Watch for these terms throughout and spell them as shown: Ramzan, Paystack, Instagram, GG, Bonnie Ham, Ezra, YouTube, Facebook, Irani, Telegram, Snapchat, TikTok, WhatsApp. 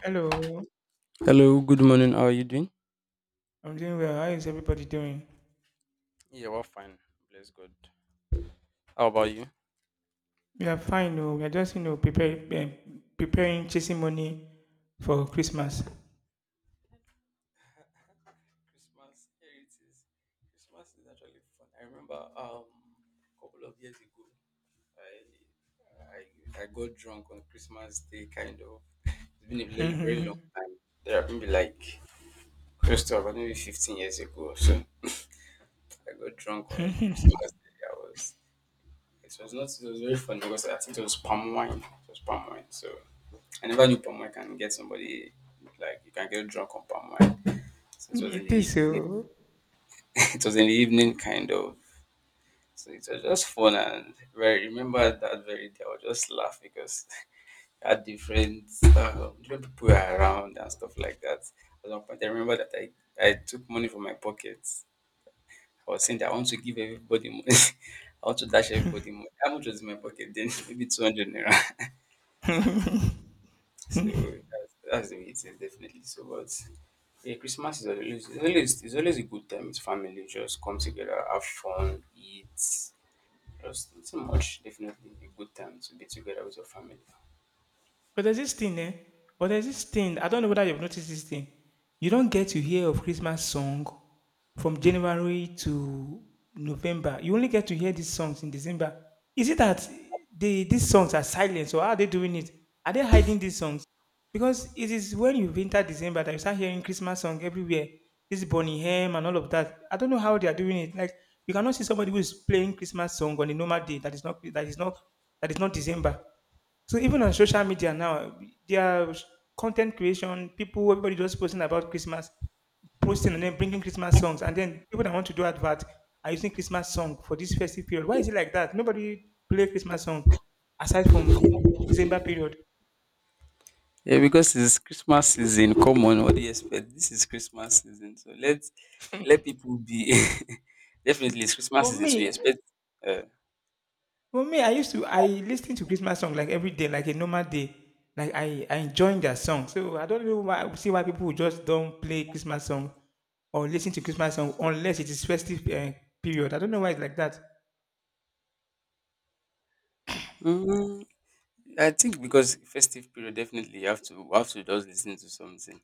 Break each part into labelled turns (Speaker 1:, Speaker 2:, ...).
Speaker 1: Hello,
Speaker 2: Hello, good morning. How are you doing?
Speaker 1: I'm doing well. How is everybody doing?
Speaker 2: Yeah, well, fine. Bless God. How about you?
Speaker 1: We are fine, though. We are just, preparing chasing money for Christmas.
Speaker 2: Christmas, here it is. Christmas is actually fun. I remember a couple of years ago, I got drunk on Christmas Day, kind of. It's been a very, very
Speaker 1: It
Speaker 2: long time. There have been like close to about maybe 15 years ago or so. I got drunk on Christmas Day. I was It was not it was very funny because I think it was palm wine. It was palm wine. So I never knew palm wine can get somebody like you can get drunk on palm wine. So it was in the
Speaker 1: is
Speaker 2: evening.
Speaker 1: so.
Speaker 2: It was in the evening, kind of. So it was just fun and very remember that very day I would just laugh because I had different different people around and stuff like that. At one point I remember that I took money from my pocket. I was saying that I want to give everybody money. I want to dash everybody money. How much was in my pocket then? Maybe 200 naira. So that's the way it is, definitely. So, but yeah, Christmas is always, it's always, it's always a good time. It's family. Just come together, have fun, eat. Just not too much. Definitely a good time to be together with your family.
Speaker 1: But there's this thing, eh? But there's this thing. I don't know whether you've noticed this thing. You don't get to hear of Christmas song from January to November. You only get to hear these songs in December. Is it that these songs are silent? So how are they doing it? Are they hiding these songs? Because it is when you enter December that you start hearing Christmas song everywhere. This Bonnie Ham and all of that. I don't know how they are doing it. Like you cannot see somebody who is playing Christmas song on a normal day that is not that is not that is not December. So even on social media now, there are content creation, people, everybody just posting about Christmas, posting and then bringing Christmas songs. And then people that want to do advert are using Christmas song for this festive period. Why is it like that? Nobody play Christmas song aside from December period.
Speaker 2: Yeah, because it's Christmas season. Come on, what do you expect? This is Christmas season, so let people be. Definitely, it's Christmas
Speaker 1: But
Speaker 2: season, so you
Speaker 1: me,
Speaker 2: expect.
Speaker 1: For me, I listen to Christmas song like every day, like a normal day. Like I enjoying their song. So I don't know why people just don't play Christmas song or listen to Christmas song unless it is festive period. I don't know why it's like that.
Speaker 2: Uh, I think because festive period, definitely you have to we have to just listen to something.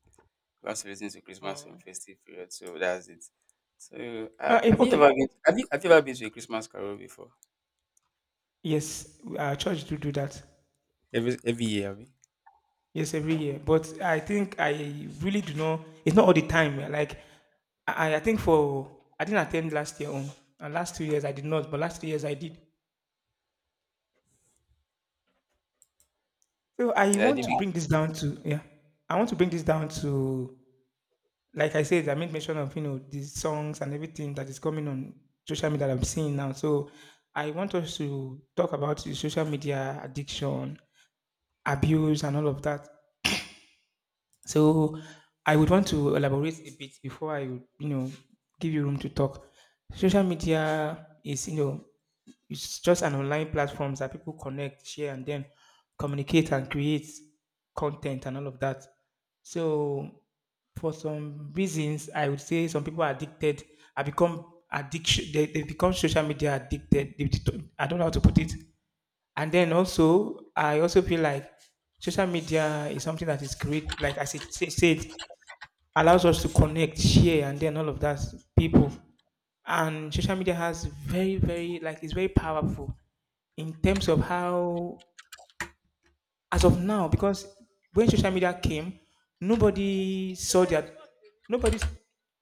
Speaker 2: We have to listen to Christmas
Speaker 1: Oh.
Speaker 2: song festive period, so that's it. So
Speaker 1: If,
Speaker 2: have you ever
Speaker 1: okay,
Speaker 2: been have you ever been to a Christmas carol before?
Speaker 1: yes, our church do that.
Speaker 2: Every year, have you?
Speaker 1: Yes, every year. But I think I really do not. It's not all the time. Like I think for I didn't attend last year and last 2 years I did not. But last 2 years I did. So
Speaker 2: Yeah, I did be-
Speaker 1: I want to bring this down to, like I said, I made mention of these songs and everything that is coming on social media that I'm seeing now. So I want us to talk about the social media addiction, abuse, and all of that. So I would want to elaborate a bit before I would give you room to talk. Social media is you know it's just an online platform that people connect, share, and then communicate and create content and all of that. So, for some reasons, I would say some people are addicted. I become addiction. They become social media addicted. They, do I don't know how to put it. And then also, I also feel like social media is something that is great. Like I said, allows us to connect, share, and then all of that people. And social media has very, very, like it's very powerful in terms of how as of now. Because when social media came, nobody saw that nobody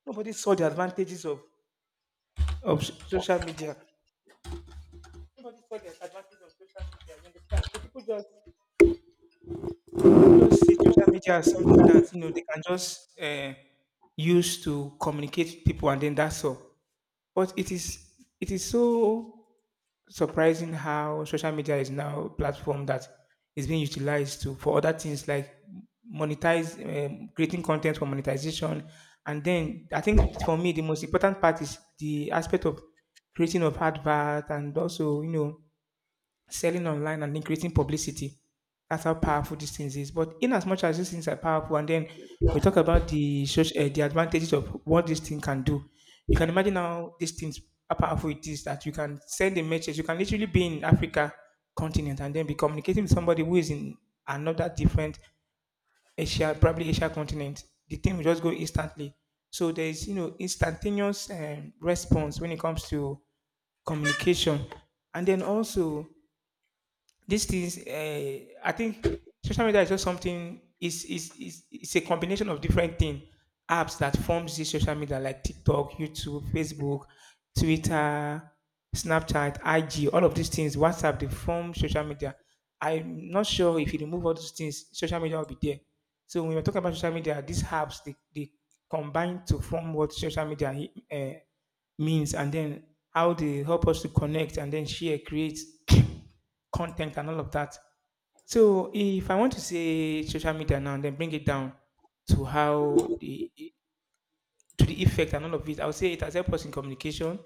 Speaker 1: nobody saw the advantages of social media. Nobody saw the advantages of social media. You understand? So people just see social media as something that they can just use to communicate with people, and then that's all. But it is so surprising how social media is now a platform that is being utilized to for other things, like monetize creating content for monetization. And then I think for me the most important part is the aspect of creating of advert, and also selling online and then creating publicity. That's how powerful these things is. But in as much as these things are powerful, and then we talk about the advantages of what this thing can do. You can imagine how these things how powerful it is that you can send a message. You can literally be in Africa continent and then be communicating with somebody who is in another different Asia, probably Asia continent. The thing will just go instantly. So there is instantaneous response when it comes to communication. And then also, these things I think social media is just something, is it's a combination of different things apps that forms this social media, like TikTok, YouTube, Facebook, Twitter, Snapchat, IG, all of these things, WhatsApp. They form social media. I'm not sure if you remove all those things social media will be there. So when we're talking about social media, these apps, they combine to form what social media means. And then how they help us to connect and then share, create content and all of that. So if I want to say social media now, and then bring it down to how the to the effect and all of it, I would say it has helped us in communication.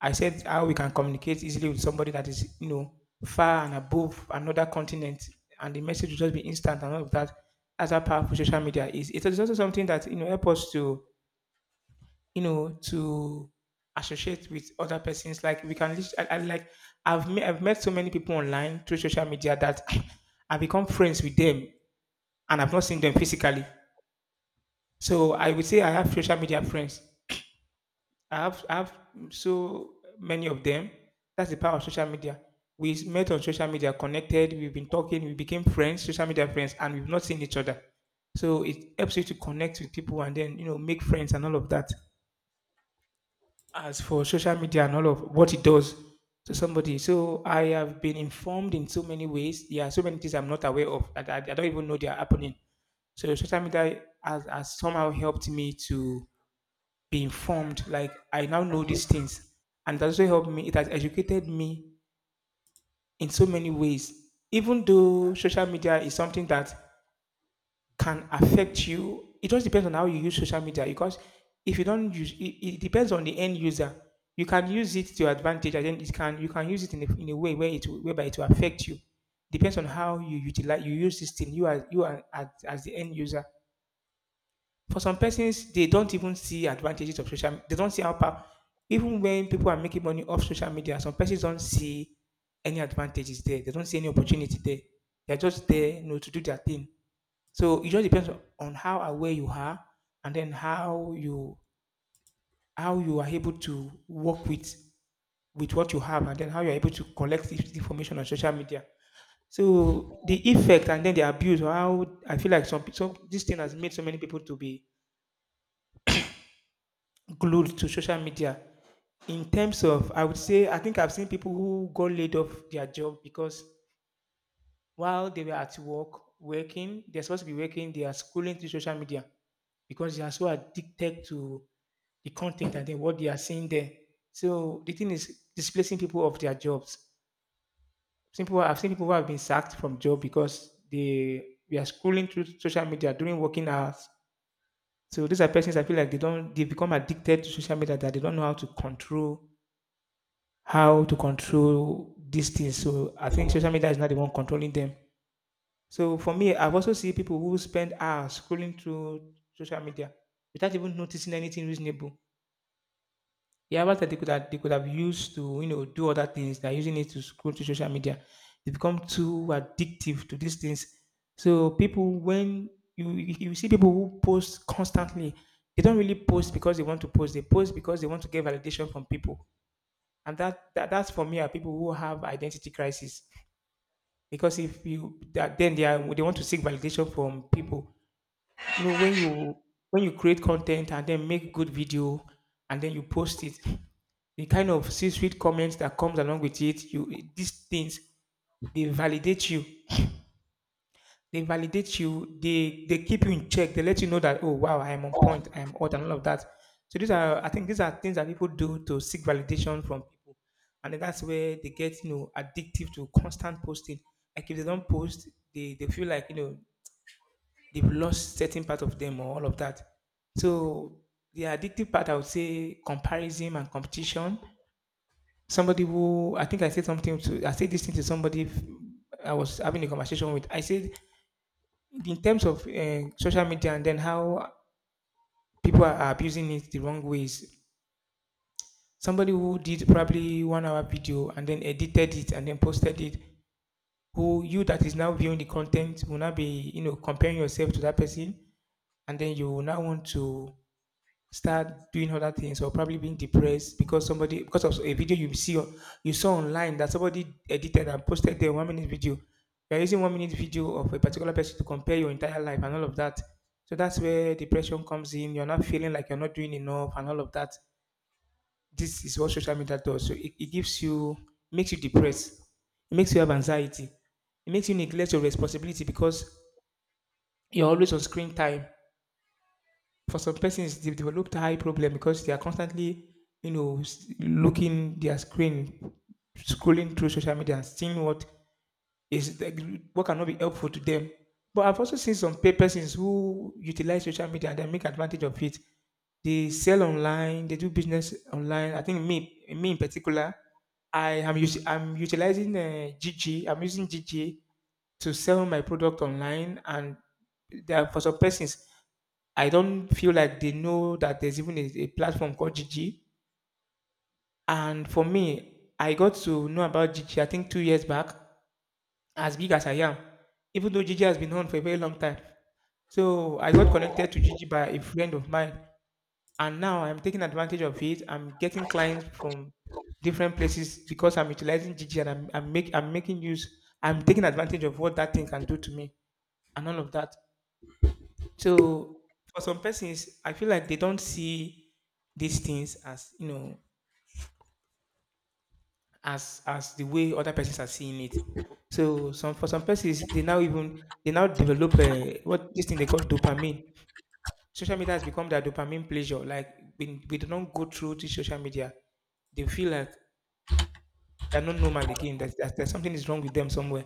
Speaker 1: I said how we can communicate easily with somebody that is, far and above another continent, and the message will just be instant and all of that. That's how powerful social media is. It is also something that, help us to you know, to associate with other persons. Like we can, lis- I like I've met so many people online through social media that I have become friends with them, and I've not seen them physically. So I would say I have social media friends. I have so many of them. That's the power of social media. We met on social media, connected. We've been talking. We became friends, social media friends, and we've not seen each other. So it helps you to connect with people and then make friends and all of that. As for social media and all of what it does to somebody. So I have been informed in so many ways. There are so many things I'm not aware of that I don't even know they are happening. So social media has somehow helped me to be informed. Like I now know these things, and it also helped me. It has educated me in so many ways. Even though social media is something that can affect you. It just depends on how you use social media, because if you don't use it, it depends on the end user. You can use it to your advantage, and then it can you can use it in a way where whereby it will affect you. Depends on how you utilize you use this thing. You are as the end user. For some persons, they don't even see advantages of social. They don't see how power. Even when people are making money off social media, some persons don't see any advantages there. They don't see any opportunity there. They're just there, to do their thing. So it just depends on how aware you are, and then how you are able to work with what you have, and then how you're able to collect this information on social media. So the effect and then the abuse, or how I feel like some pe- some this thing has made so many people to be glued to social media. In terms of, I would say, I think I've seen people who got laid off their job because while they were at work working, they're supposed to be working, they are schooling through social media. Because they are so addicted to the content and then what they are seeing there. So the thing is displacing people of their jobs. Some people I've seen people who have been sacked from job because they we are scrolling through social media during working hours. So these are persons I feel like they don't they become addicted to social media, that they don't know how to control these things. So I think social media is not the one controlling them. So for me, I've also seen people who spend hours scrolling through social media without even noticing anything reasonable. Yeah, what that they could have used to do other things. They're using it to scroll to social media. They become too addictive to these things. So people, when you see people who post constantly, they don't really post because they want to post. They post because they want to get validation from people. And that's for me are people who have identity crisis. Because if you that, then they want to seek validation from people. When you create content and then make good video and then you post it, the kind of c-suite comments that comes along with it you these things, they validate you, they keep you in check, they let you know that oh wow, I am on point, I am hot and all of that. So these are I think these are things that people do to seek validation from people. And then that's where they get addictive to constant posting. Like if they don't post, they feel like they've lost certain part of them or all of that. So the addictive part, I would say, comparison and competition. Somebody who, I think I said this thing to somebody. I was having a conversation with. I said, in terms of social media and then how people are abusing it the wrong ways. Somebody who did probably 1 hour video and then edited it and then posted it. Who you that is now viewing the content, will now be comparing yourself to that person, and then you will now want to start doing other things, or probably being depressed, because somebody because of a video you saw online that somebody edited and posted their 1 minute video. You're using 1 minute video of a particular person to compare your entire life and all of that. So that's where depression comes in. You're not feeling like you're not doing enough and all of that. This is what social media does. So it gives you, makes you depressed, it makes you have anxiety, it makes you neglect your responsibility because you're always on screen time. For some persons, they've developed eye problem because they are constantly looking their screen, scrolling through social media and seeing is like, what cannot be helpful to them. But I've also seen some persons who utilize social media and then make advantage of it. They sell online, they do business online. I think me in particular, I'm utilizing gg. I'm using gg to sell my product online. And for some persons I don't feel like they know that there's even a platform called gg. And for me, I got to know about gg, I think, 2 years back. As big as I am, even though gg has been on for a very long time. So I got connected to gg by a friend of mine, and now I'm taking advantage of it. I'm getting clients from different places because I'm utilizing gg. And I'm making use, I'm taking advantage of what that thing can do to me and all of that. So for some persons, I feel like they don't see these things as you know as the way other persons are seeing it. So some For some persons, they now develop a, what this thing they call dopamine. Social media has become their dopamine pleasure. Like when we do not go through to social media, they feel like they are not normal again. That something is wrong with them somewhere.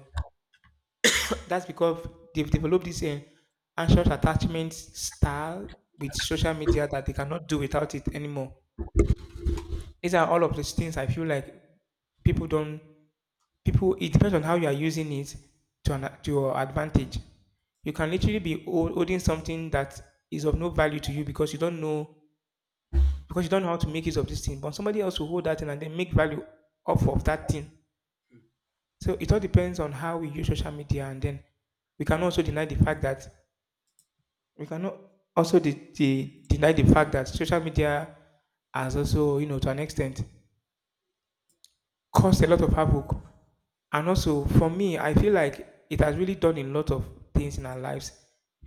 Speaker 1: That's because they've developed this anxious attachment style with social media that they cannot do without it anymore. These are all of these things, I feel like people don't people it depends on how you are using it, to your advantage. You can literally be holding something that is of no value to you, because you don't know, how to make use of this thing. But somebody else will hold that thing and then make value off of that thing. So it all depends on how we use social media. And then we can also deny the fact that we cannot also deny the fact that social media has also, to an extent, caused a lot of havoc. And also for me, I feel like it has really done a lot of things in our lives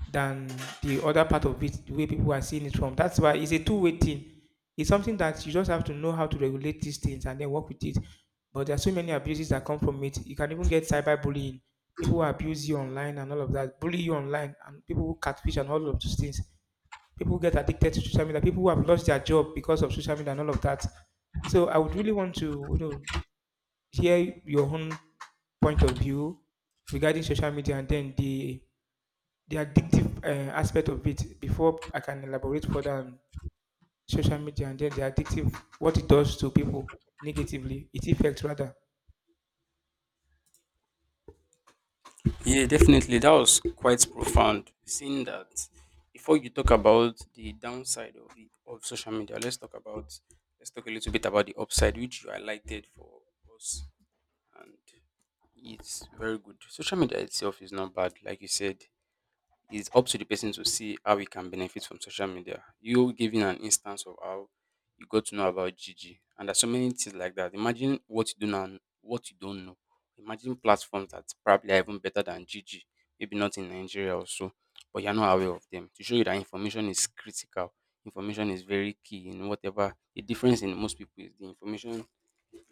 Speaker 1: than the other part of it, the way people are seeing it from. That's why it's a two-way thing. It's something that you just have to know how to regulate these things and then work with it. But there are so many abuses that come from it. You can even get cyberbullying. People who abuse you online and all of that, bully you online, and people who catfish and all of those things. People get addicted to social media. People who have lost their job because of social media and all of that. So I would really want to, share your own point of view regarding social media and then the addictive aspect of it before I can elaborate further on social media and then the addictive what it does to people negatively, its effect rather.
Speaker 2: yeah, definitely. That was quite profound. Seeing that before you talk about the downside of it, of social media, let's talk about let's talk a little bit about the upside which you highlighted for us, and it's very good. Social media itself is not bad, like you said, it's up to the person to see how he can benefit from social media. You giving an instance of how you got to know about Gigi, and there's so many things like that. Imagine what you do now, and what you don't know. Imagine platforms that probably are even better than Gigi, maybe not in Nigeria or so, but you're not aware of them. To show you that information is critical, information is very key in whatever. The difference in most people is the information,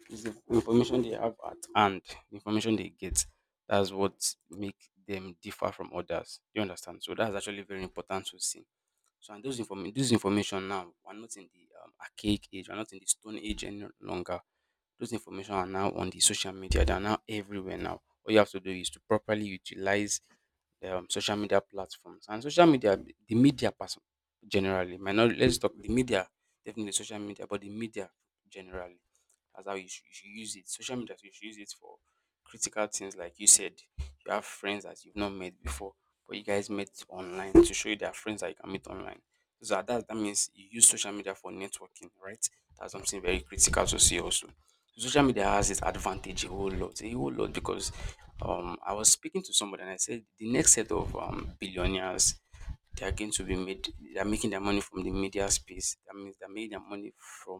Speaker 2: it's the information they have at hand, the information they get. That's what make them differ from others. You understand? So that's actually very important to see. So and those inform this information now, we're not in the archaic age, we're not in the stone age any longer. Those information are now on the social media. They're now everywhere now. All you have to do is to properly utilize the social media platforms and social media, the media person generally. Might not, let's talk the media, definitely social media, but the media generally. That's how you should use it. Social media, you should use it for critical things, like you said. You have friends that you've not met before, but you guys met online to show you there are friends that you can meet online. So that means you use social media for networking, right? That's something very critical to see also. Social media has its advantage a whole lot because I was speaking to somebody and I said the next set of billionaires, they are going to be made they are making their money from the media space. That means they made their money from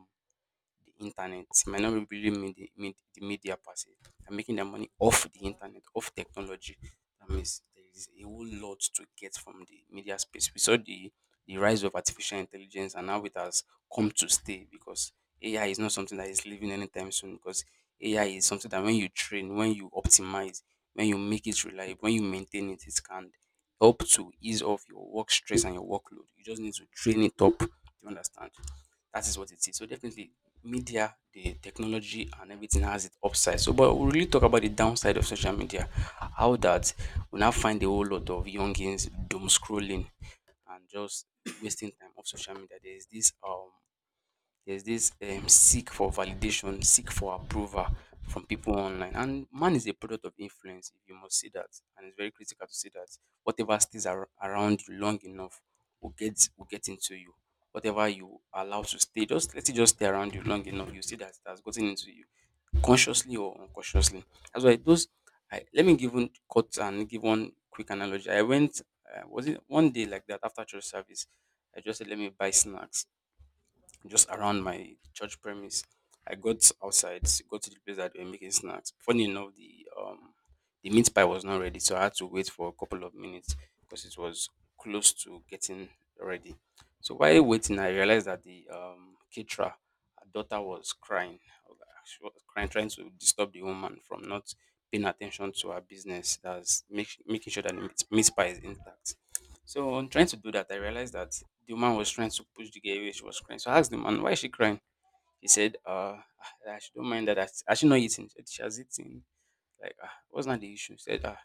Speaker 2: the internet, might not really mean mean the media per se. They're making their money off the internet, off technology. That means there is a whole lot to get from the media space. We saw the rise of artificial intelligence and how it has come to stay because AI is not something that is leaving anytime soon because AI is something that when you train, when you optimize, when you make it reliable, when you maintain it, it can help to ease off your work stress and your workload. You just need to train it up. Do you understand? That is what it is. So definitely media, the technology and everything has its upside. So but we'll really talk about the downside of social media. How that we now find a whole lot of youngins doom scrolling and just wasting time off social media. There is this there's this seek for validation, seek for approval from people online. And man is a product of influence, if you must see that. And it's very critical to see that whatever stays around you long enough will get into you. Whatever you allow to stay, just let it just stay around you long enough. You see that it has gotten into you consciously or unconsciously. That's why those I let me give one cut and give one quick analogy. I went, was it one day like that after church service. I just said let me buy snacks just around my church premise. I got outside, got to the place that they were making snacks. Funny enough, the meat pie was not ready, so I had to wait for a couple of minutes because it was close to getting ready. So while waiting, I realized that the caterer, her daughter was crying. I was like, she was crying, trying to disturb the woman from not paying attention to her business. That's making sure that the meat pie is intact. So on trying to do that, I realized that the woman was trying to push the girl away. She was crying. So I asked the man, why is she crying? He said, ah, she don't mind that. Has she not eating? She said, she has eaten. Like, ah, what's not the issue? He said, ah,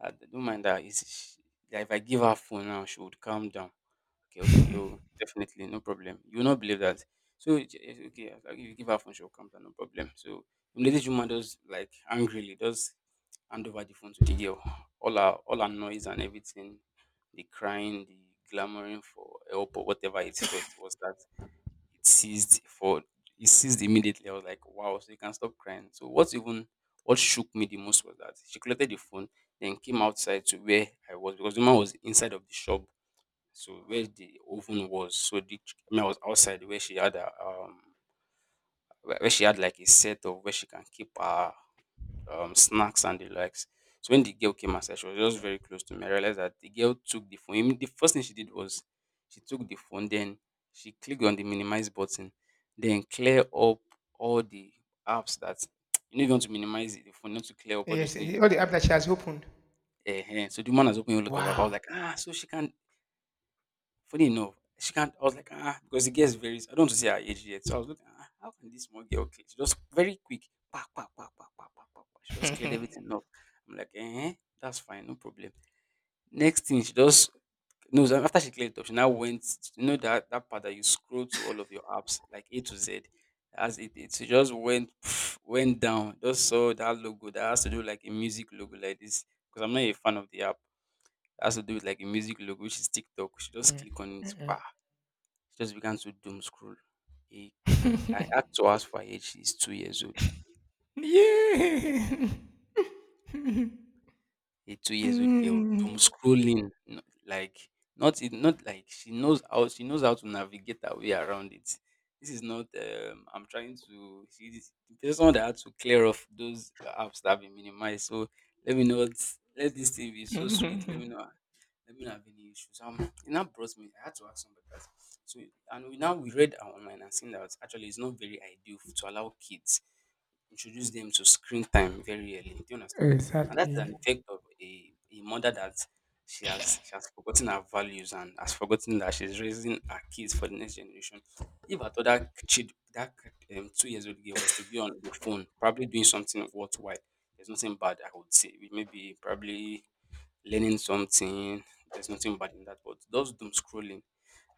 Speaker 2: I don't mind that. Is she, like, if I give her phone now, she would calm down. Okay, okay, oh, definitely, no problem. You will not believe that. So it's okay, as long as you give her phone, she'll come down, no problem. So the lady woman does like angrily does hand over the phone to the girl. All her noise and everything, the crying, the clamoring for help or whatever it felt was that it ceased for it ceased immediately. I was like, wow, so you can stop crying. So what shook me the most was that she collected the phone, then came outside to where I was because the man was inside of the shop so where the oven was, so I mean, I was outside where she had a where she had like a set of where she can keep her snacks and the likes. So when the girl came outside, she was just very close to me. I realized that the girl took the phone. I mean, the first thing she did was she took the phone, then she clicked on the minimize button, then clear up all the apps that you know you want to minimize the phone, not to clear up all those
Speaker 1: Yes,
Speaker 2: things. You,
Speaker 1: all the app that she has opened.
Speaker 2: so the woman has opened a lot of apps. I was
Speaker 1: Wow.
Speaker 2: like, ah, so she can. Funny enough, she can't. I was like, ah, because the girl's very. I don't want to say her age yet, so I was looking. Ah, how can this small girl clear? She just very quick. Pa, pa, pa, pa, pa, pa, pa, pa. She just cleared everything up. I'm like, eh, that's fine, no problem. Next thing, she just no. So after she cleared it up, she now went. You know that that part that you scroll to all of your apps, like A to Z. As it did, she just went pff, went down. Just saw that logo that has to do like a music logo like this. Because I'm not a fan of the app. That has to do with like a music logo, which is TikTok. She just click on it. She just began to doom scroll. He, I had to ask for her age. She's 2 years old.
Speaker 1: Yeah.
Speaker 2: A 2 years old girl doom scrolling, like not it, not like she knows how to navigate her way around it. This is not. I'm trying to. She's there's someone that had to clear off those apps that have been minimized. So let me not let this thing be so sweet. Let me not have any issues. It now brought me. I had to ask somebody that. So, and we now we read online and seen that actually it's not very ideal to allow kids introduce them to screen time very early. Do you understand? And that's
Speaker 1: Exactly.
Speaker 2: an effect of a mother that she has forgotten her values and has forgotten that she's raising her kids for the next generation. If I thought that kid, that 2 years old girl, was to be on the phone probably doing something worthwhile, there's nothing bad I would say. Maybe probably learning something. There's nothing bad in that. But those doom scrolling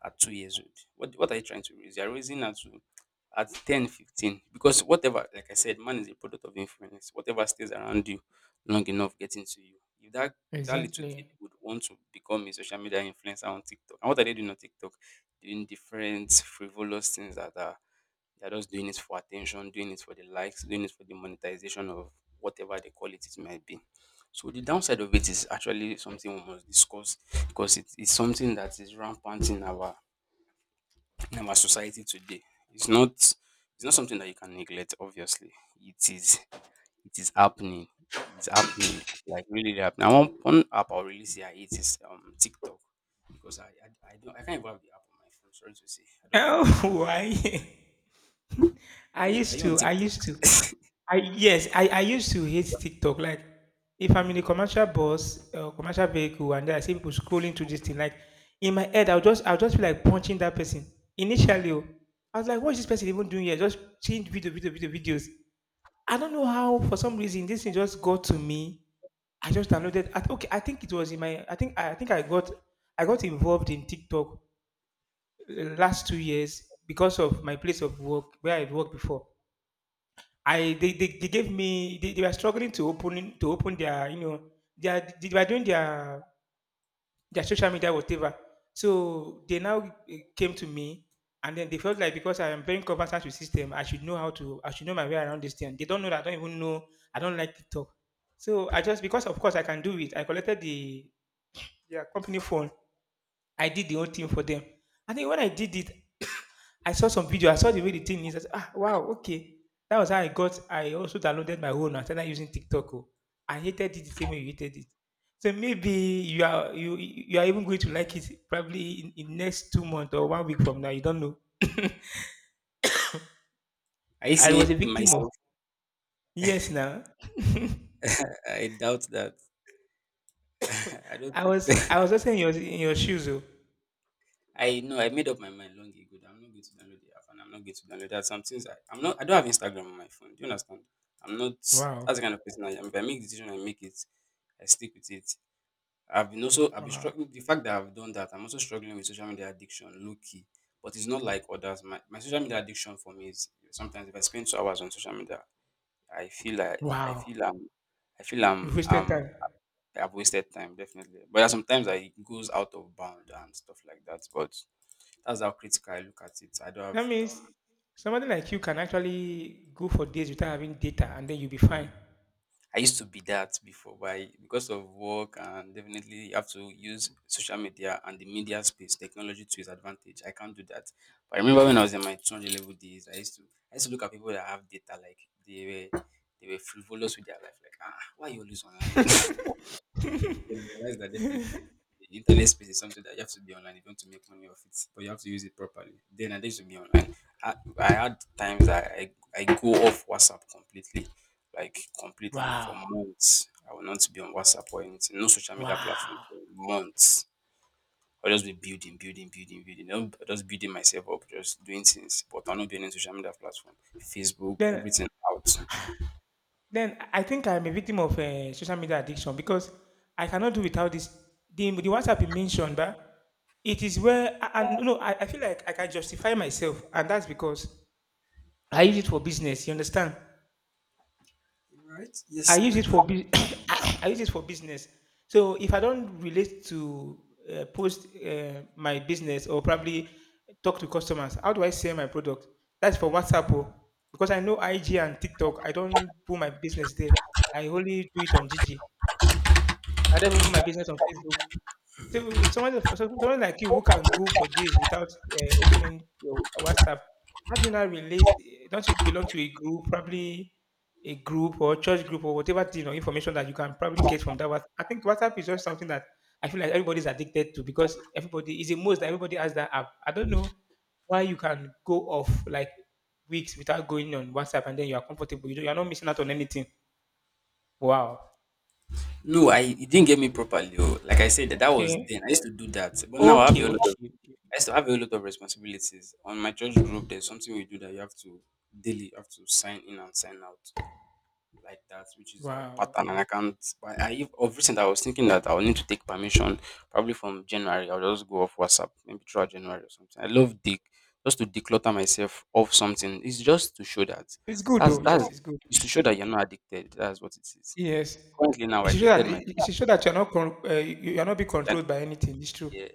Speaker 2: at 2 years old, what are you trying to raise? You're raising at, 10, 15. Because whatever, like I said, man is a product of influence. Whatever stays around you long enough gets into you. If that That little kid
Speaker 1: Exactly.
Speaker 2: would want to become a social media influencer on TikTok. And what are they doing on TikTok? Doing different frivolous things that are they are just doing it for attention, doing it for the likes, doing it for the monetization of whatever they call it, it might be. So the downside of it is actually something we must discuss because it is something that is rampant in our society today. It's not something that you can neglect, obviously. It is it is happening. It's happening, like really happening. And one app I'll really say I hate is TikTok because I don't, I can't even have the app on my phone. Sorry to say, I don't know why.
Speaker 1: Oh, why? I
Speaker 2: Are
Speaker 1: used
Speaker 2: you on
Speaker 1: to, I
Speaker 2: TikTok?
Speaker 1: used to, I Yes, I used to hate TikTok. Like, if I'm in a commercial bus, commercial vehicle, and then I see people scrolling through this thing. Like, in my head, I'll just feel like punching that person. Initially, oh, I was like, what is this person even doing here? Just seeing video, video, video, videos. I don't know how, for some reason, this thing just got to me. I just downloaded. Okay, I think it was in my. I got involved in TikTok last 2 years because of my place of work where I worked before. I They, they gave me, they were struggling to open their, they were doing their social media whatever. So they now, came to me, and then they felt like, because I am very conversant with system, I should know my way around this thing. They don't know that I don't like TikTok. So I just Because of course I can do it. I collected their company phone. I did the whole thing for them. I think when I did it, I saw some video. I saw the way the thing is. I said, ah, wow, okay. That was how I got. I also downloaded my own. I started using TikTok. Oh. I hated it the same way you hated it. So maybe you are you you are even going to like it probably in next 2 months or 1 week from now. You don't know.
Speaker 2: I
Speaker 1: I
Speaker 2: say
Speaker 1: was a victim of
Speaker 2: myself.
Speaker 1: Yes. Now,
Speaker 2: I doubt that. I don't
Speaker 1: I
Speaker 2: think
Speaker 1: was
Speaker 2: so.
Speaker 1: I was also in your shoes. Oh.
Speaker 2: I know I made up my mind long ago that I'm not going to download the app and I'm not going to download that. Some things I, I'm not, I don't have Instagram on my phone. Do you understand? I'm not as
Speaker 1: Wow.
Speaker 2: the kind of person I am. If I make a decision, I make it. I stick with it. I've been
Speaker 1: Wow.
Speaker 2: struggling the fact that I've done that. I'm also struggling with social media addiction, low key. But it's not like others. My social media addiction for me is sometimes if I spend 2 hours on social media, I feel like
Speaker 1: Wow.
Speaker 2: I feel
Speaker 1: You wasted
Speaker 2: I'm
Speaker 1: time.
Speaker 2: I've wasted time, definitely. But there are sometimes that it goes out of bound and stuff like that. But that's how critical I look at it. I don't have.
Speaker 1: That means somebody like you can actually go for days without having data and then you'll be fine.
Speaker 2: I used to be that before, but I, because of work, and definitely you have to use social media and the media space technology to its advantage. I can't do that. But I remember when I was in my 200 level days, I used to look at people that have data like they were they were frivolous with their life. Like, ah, why are you always online? They realize that definitely the internet space is something that you have to be online if you want to make money off it, but you have to use it properly. Then I used to be online. I had times that I go off WhatsApp completely, like completely for
Speaker 1: Wow.
Speaker 2: months. I will not be on WhatsApp or anything, no social media platform
Speaker 1: Wow.
Speaker 2: for months. I'll just be building. I'll just building myself up, just doing things, but I'll not be on any social media platform, Facebook,
Speaker 1: then
Speaker 2: everything out.
Speaker 1: then I think I'm a victim of social media addiction because I cannot do without this. The WhatsApp you mentioned, but it is where no, I feel like I can justify myself, and that's because I use it for business. You understand?
Speaker 2: Right?
Speaker 1: I
Speaker 2: Yes,
Speaker 1: use
Speaker 2: I
Speaker 1: it
Speaker 2: do.
Speaker 1: for bus- I use it for business. So if I don't relate to, post, my business, or probably talk to customers, how do I sell my product? That's for WhatsApp, oh. Because I know IG and TikTok. I don't put my business there. I only do it on GG. I don't even put my business on Facebook. Someone like you who can go for days without opening your WhatsApp, how do you not relate? Don't you belong to a group, probably a group or church group, or whatever, information that you can probably get from that? WhatsApp? I think WhatsApp is just something that I feel like everybody's addicted to, because everybody is a most that everybody has that app. I don't know why you can go off like weeks without going on WhatsApp and then you are comfortable. You are not missing out on anything. Wow.
Speaker 2: No, I, it didn't get me properly. Oh. Like I said, that, that was
Speaker 1: Okay.
Speaker 2: then. I used to do that, but now I have a
Speaker 1: Okay.
Speaker 2: lot of
Speaker 1: Okay. Okay.
Speaker 2: I used to have a lot of responsibilities. On my church group, there's something we do that you have to daily, you have to sign in and sign out like that, which is a
Speaker 1: Wow.
Speaker 2: pattern. And I can't. But I, of recent I was thinking that I will need to take permission probably from January. I'll just go off WhatsApp maybe throughout January or something. I love dick, just to declutter myself of something. It's just to show that
Speaker 1: It's good though. Yes,
Speaker 2: that's
Speaker 1: it's good.
Speaker 2: it's to show that you're not addicted. That's what it is.
Speaker 1: Yes.
Speaker 2: Currently now I
Speaker 1: It's true that
Speaker 2: deleted my
Speaker 1: you're not being controlled by anything. It's true.
Speaker 2: Yeah.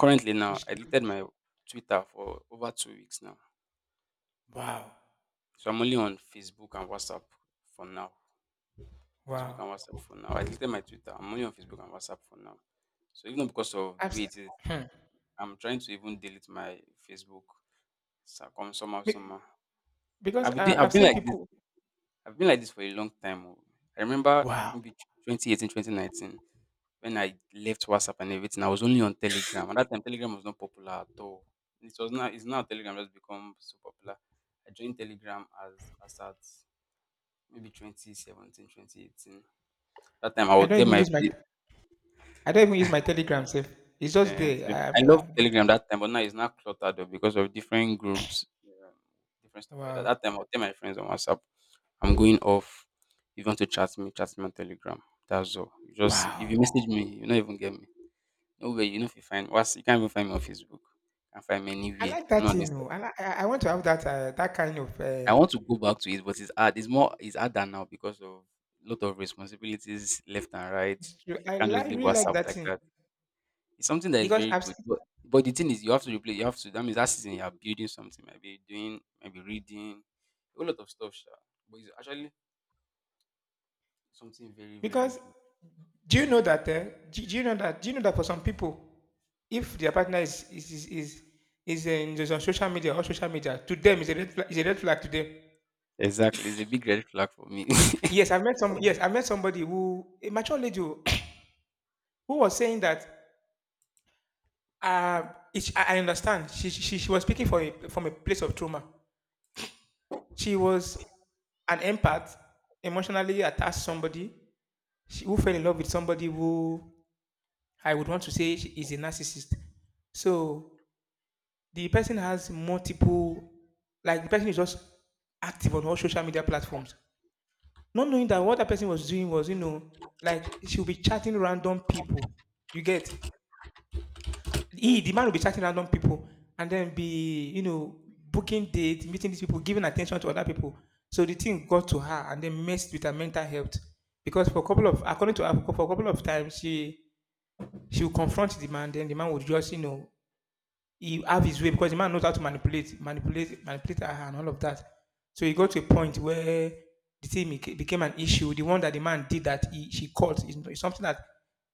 Speaker 2: Currently now,
Speaker 1: It's
Speaker 2: I
Speaker 1: true.
Speaker 2: deleted my Twitter for over 2 weeks now.
Speaker 1: Wow.
Speaker 2: So I'm only on Facebook and WhatsApp for now. Facebook
Speaker 1: Wow.
Speaker 2: and WhatsApp for now. I deleted my Twitter. I'm only on Facebook and WhatsApp for now. So even because of the
Speaker 1: I've,
Speaker 2: way
Speaker 1: s-
Speaker 2: it is,
Speaker 1: hmm.
Speaker 2: I'm trying to even delete my Facebook. So I come somehow,
Speaker 1: Be-
Speaker 2: somehow.
Speaker 1: because
Speaker 2: I've been, doing-
Speaker 1: I've
Speaker 2: I've been
Speaker 1: seen
Speaker 2: like this
Speaker 1: people.
Speaker 2: I've been like this for a long time. Oh. I remember
Speaker 1: Wow.
Speaker 2: maybe 2018, 2019, when I left WhatsApp and everything, I was only on Telegram. At that time, Telegram was not popular at all. It was now it's now Telegram has become so popular. I joined Telegram as at maybe 2017, 2018. That time I
Speaker 1: I
Speaker 2: would
Speaker 1: don't
Speaker 2: tell
Speaker 1: even
Speaker 2: my.
Speaker 1: use my I don't even use my Telegram safe. It's just
Speaker 2: And
Speaker 1: there.
Speaker 2: so I love
Speaker 1: Yeah.
Speaker 2: Telegram that time, but now it's now cluttered up because of different groups, um, different stuff like that.
Speaker 1: Wow.
Speaker 2: That time I'll tell my friends on WhatsApp, I'm going off. If you want to chat me on Telegram. That's all. You just, if
Speaker 1: Wow.
Speaker 2: you message me, you don't even get me. No way, you know, if you find what's, you can't even find me on Facebook. You can't find me
Speaker 1: I
Speaker 2: anywhere.
Speaker 1: like
Speaker 2: I'm
Speaker 1: that
Speaker 2: not on
Speaker 1: thing.
Speaker 2: Instagram.
Speaker 1: Oh. I, li- I want to have that, that kind of.
Speaker 2: I want to go back to it, but it's hard. It's harder now because of lot of responsibilities left and right.
Speaker 1: It's true.
Speaker 2: You
Speaker 1: I
Speaker 2: can't just leave
Speaker 1: really like
Speaker 2: WhatsApp
Speaker 1: that
Speaker 2: like
Speaker 1: thing
Speaker 2: that. It's something that is
Speaker 1: because
Speaker 2: very
Speaker 1: I've
Speaker 2: good,
Speaker 1: s-
Speaker 2: but the thing is, you have to replay. You have to. That means that season you are building something. Maybe doing, maybe reading, a whole lot of stuff. Sha. But it's actually something very, very
Speaker 1: because
Speaker 2: good.
Speaker 1: do you know that? Do you know that? Do you know that for some people, if their partner is on social media, or social media, to them, is a red flag, is a red flag to them.
Speaker 2: Exactly, it's a big red flag for me.
Speaker 1: Yes, I've met somebody, who a mature lady, who who was saying that. Uh, I understand. She was speaking from from a place of trauma. She was an empath, emotionally attached somebody who fell in love with somebody who I would want to say she is a narcissist. So the person has multiple like the person is just active on all social media platforms, not knowing that what that person was doing was like she'll be chatting random people, you get, he the man will be chatting random people and then be booking dates, meeting these people, giving attention to other people. So the thing got to her and then messed with her mental health, because for a couple of according to her, for a couple of times, she would confront the man, then the man would just he have his way, because the man knows how to manipulate, manipulate, manipulate her and all of that. So he got to a point where the thing became an issue. The one that the man did that she caught is something that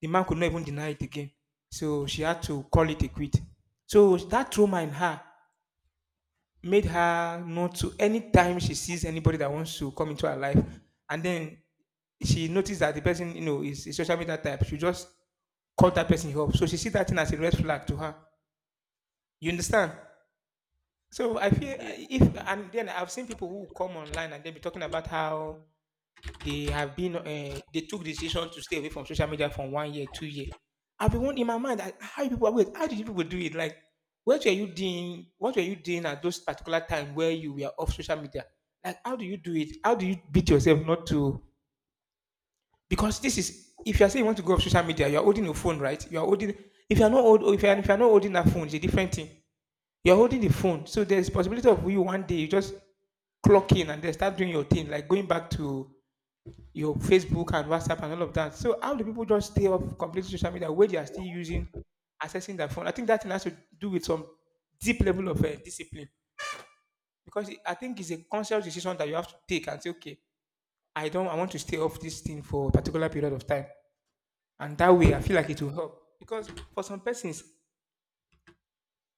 Speaker 1: the man could not even deny it again. So she had to call it a quit. So that trauma in her made her not to, anytime she sees anybody that wants to come into her life, and then she noticed that the person is a social media type, she just called that person up. So she see that thing as a red flag to her. You understand? So I feel,
Speaker 2: Yeah.
Speaker 1: if and then I've seen people who come online and they'll be talking about how they have been they took decision to stay away from social media from one year, 2 year. I've been wondering in my mind like, how did you people do it? Like, what were you doing? What were you doing at those particular time where you were off social media? Like, how do you do it? How do you beat yourself not to, because this is, if you're saying you want to go off social media, you're holding your phone, right? You're holding, if you're not holding that phone, it's a different thing. You're holding the phone. So there's possibility of you one day you just clock in and then start doing your thing, like going back to your Facebook and WhatsApp and all of that. So how do people just stay off complete social media where they are still using accessing their phone? I think that thing has to do with some deep level of discipline, because I think it's a conscious decision that you have to take and say, okay, I don't, I want to stay off this thing for a particular period of time, and that way I feel like it will help, because for some persons,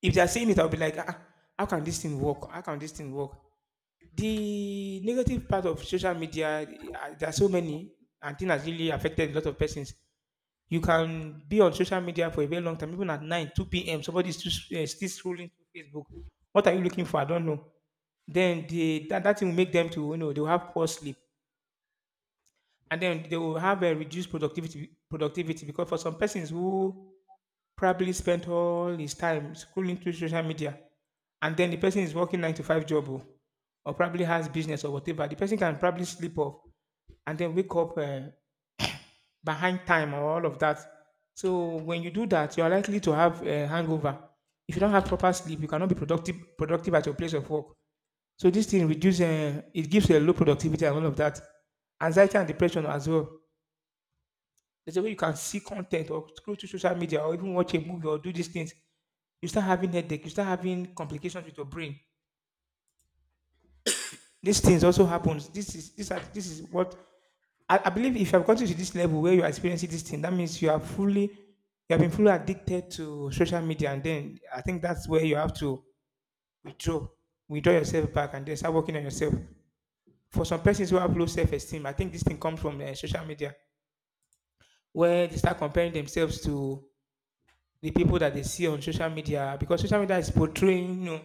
Speaker 1: if they are saying it, I'll be like, ah, ah, how can this thing work? How can this thing work? The negative part of social media, there are so many, and thing has really affected a lot of persons. You can be on social media for a very long time, even at 9, 2 p.m. Somebody is still scrolling through Facebook. What are you looking for? I don't know. Then that thing will make them to, they will have poor sleep. And then they will have a reduced productivity, because for some persons who probably spent all his time scrolling through social media, and then the person is working nine to five job, oh, or probably has business or whatever, the person can probably sleep off and then wake up behind time or all of that. So when you do that, you are likely to have a hangover. If you don't have proper sleep, you cannot be productive at your place of work. So this thing reduces, it gives a low productivity and all of that. Anxiety and depression as well. There's a way you can see content or scroll through social media or even watch a movie or do these things, you start having headache, you start having complications with your brain. These things also happens. This is what I believe. If you have gotten to this level where you are experiencing this thing, that means you have been fully addicted to social media, and then I think that's where you have to withdraw, withdraw yourself back, and then start working on yourself. For some persons who have low self-esteem, I think this thing comes from social media, where they start comparing themselves to the people that they see on social media, because social media is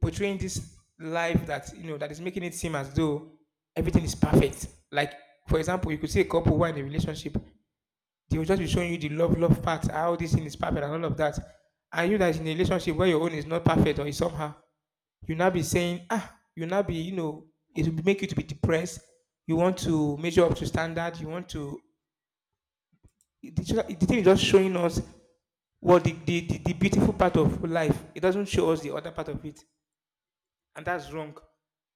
Speaker 1: portraying this life that you know that is making it seem as though everything is perfect. Like, for example, you could see a couple who are in a relationship, they will just be showing you the love part, how this thing is perfect and all of that, and you that is in a relationship where your own is not perfect or is somehow, you now be saying, ah, you now be it will make you to be depressed, you want to measure up to standard. You want to it- the, thing is just showing us, well, The beautiful part of life, it doesn't show us the other part of it, and that's wrong.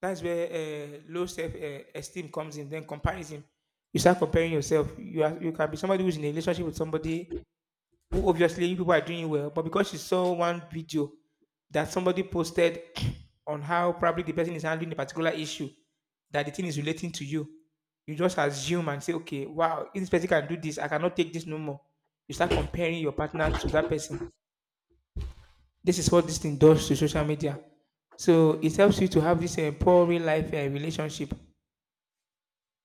Speaker 1: That's where low self-esteem comes in, then comparison. You start comparing yourself, you can be somebody who's in a relationship with somebody who obviously people are doing well, but because she saw one video that somebody posted on how probably the person is handling a particular issue, that the thing is relating to you, you just assume and say, okay, wow, if this person can do this, I cannot take this no more. You start comparing your partner to that person. This is what this thing does to social media. So it helps you to have this poor real life relationship.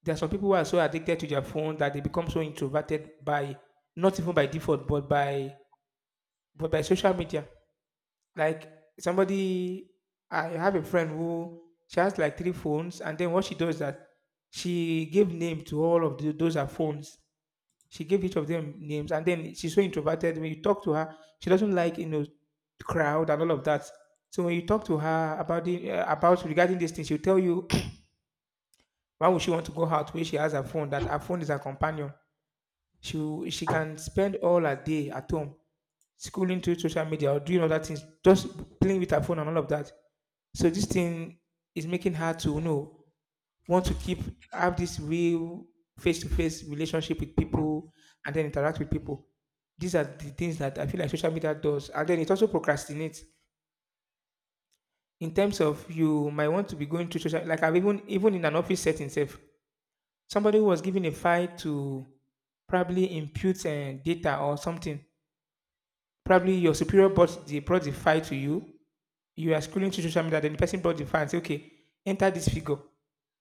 Speaker 1: There are some people who are so addicted to their phone that they become so introverted by not even by default, but by social media. Like somebody, I have a friend who she has like three phones, and then what she does is that she gave name to all of those her phones. She gave each of them names, and then she's so introverted. When you talk to her, she doesn't like the crowd and all of that. So when you talk to her about regarding this thing, she'll tell you why would she want to go out where she has her phone, that her phone is her companion. She can spend all her day at home scrolling through social media or doing other things, just playing with her phone and all of that. So this thing is making her to want to keep have this real face-to-face relationship with people and then interact with people. These are the things that I feel like social media does, and then it also procrastinates in terms of, you might want to be going to social, like I've even, in an office setting, safe, somebody who was given a file to probably impute data or something, probably your superior brought the file to you, you are scrolling to social media, then the person brought the file and say, okay, enter this figure,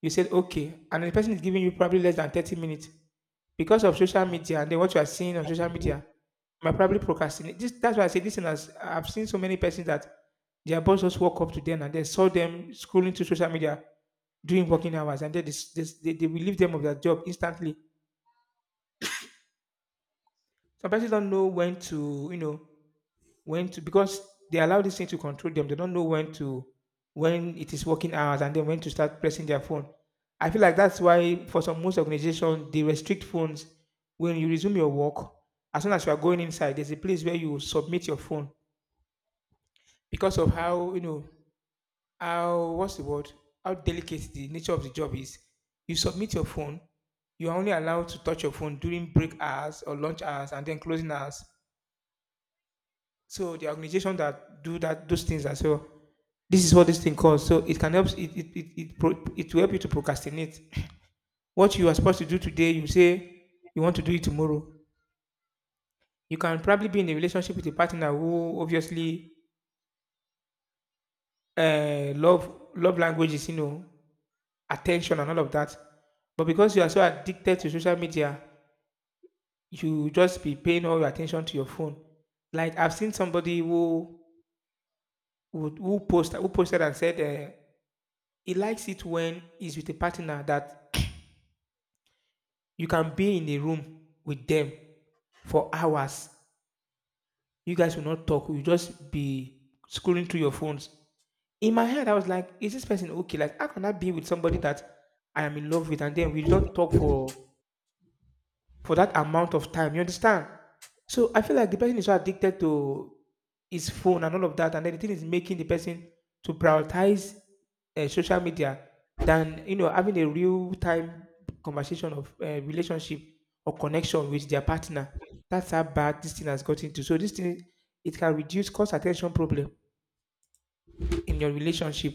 Speaker 1: you said okay, and the person is giving you probably less than 30 minutes. Because of social media and then what you are seeing on social media, you might probably procrastinate. That's why I say this thing has, I've seen so many persons that their boss just walk up to them and they saw them scrolling through social media during working hours, and then they will leave them of their job instantly. Some persons don't know when to, because they allow this thing to control them. They don't know when it is working hours, and then when to start pressing their phone. I feel like that's why, for some most organizations they restrict phones when you resume your work. As soon as you are going inside, there's a place where you submit your phone, because of how how, what's the word, how delicate the nature of the job is. You submit your phone. You are only allowed to touch your phone during break hours or lunch hours and then closing hours. So the organization that do that those things as well. This is what this thing calls. So it can help it will help you to procrastinate. What you are supposed to do today, you say you want to do it tomorrow. You can probably be in a relationship with a partner who obviously love languages, attention and all of that. But because you are so addicted to social media, you just be paying all your attention to your phone. Like I've seen somebody who posted and said he likes it when he's with a partner that you can be in a room with them for hours. You guys will not talk. You just be scrolling through your phones. In my head, I was like, is this person okay? Like, how can I be with somebody that I am in love with, and then we don't talk for that amount of time. You understand? So I feel like the person is so addicted to his phone and all of that, and then the thing is making the person to prioritize social media than having a real time conversation of relationship or connection with their partner. That's how bad this thing has got into. So this thing, it can reduce cost attention problem in your relationship.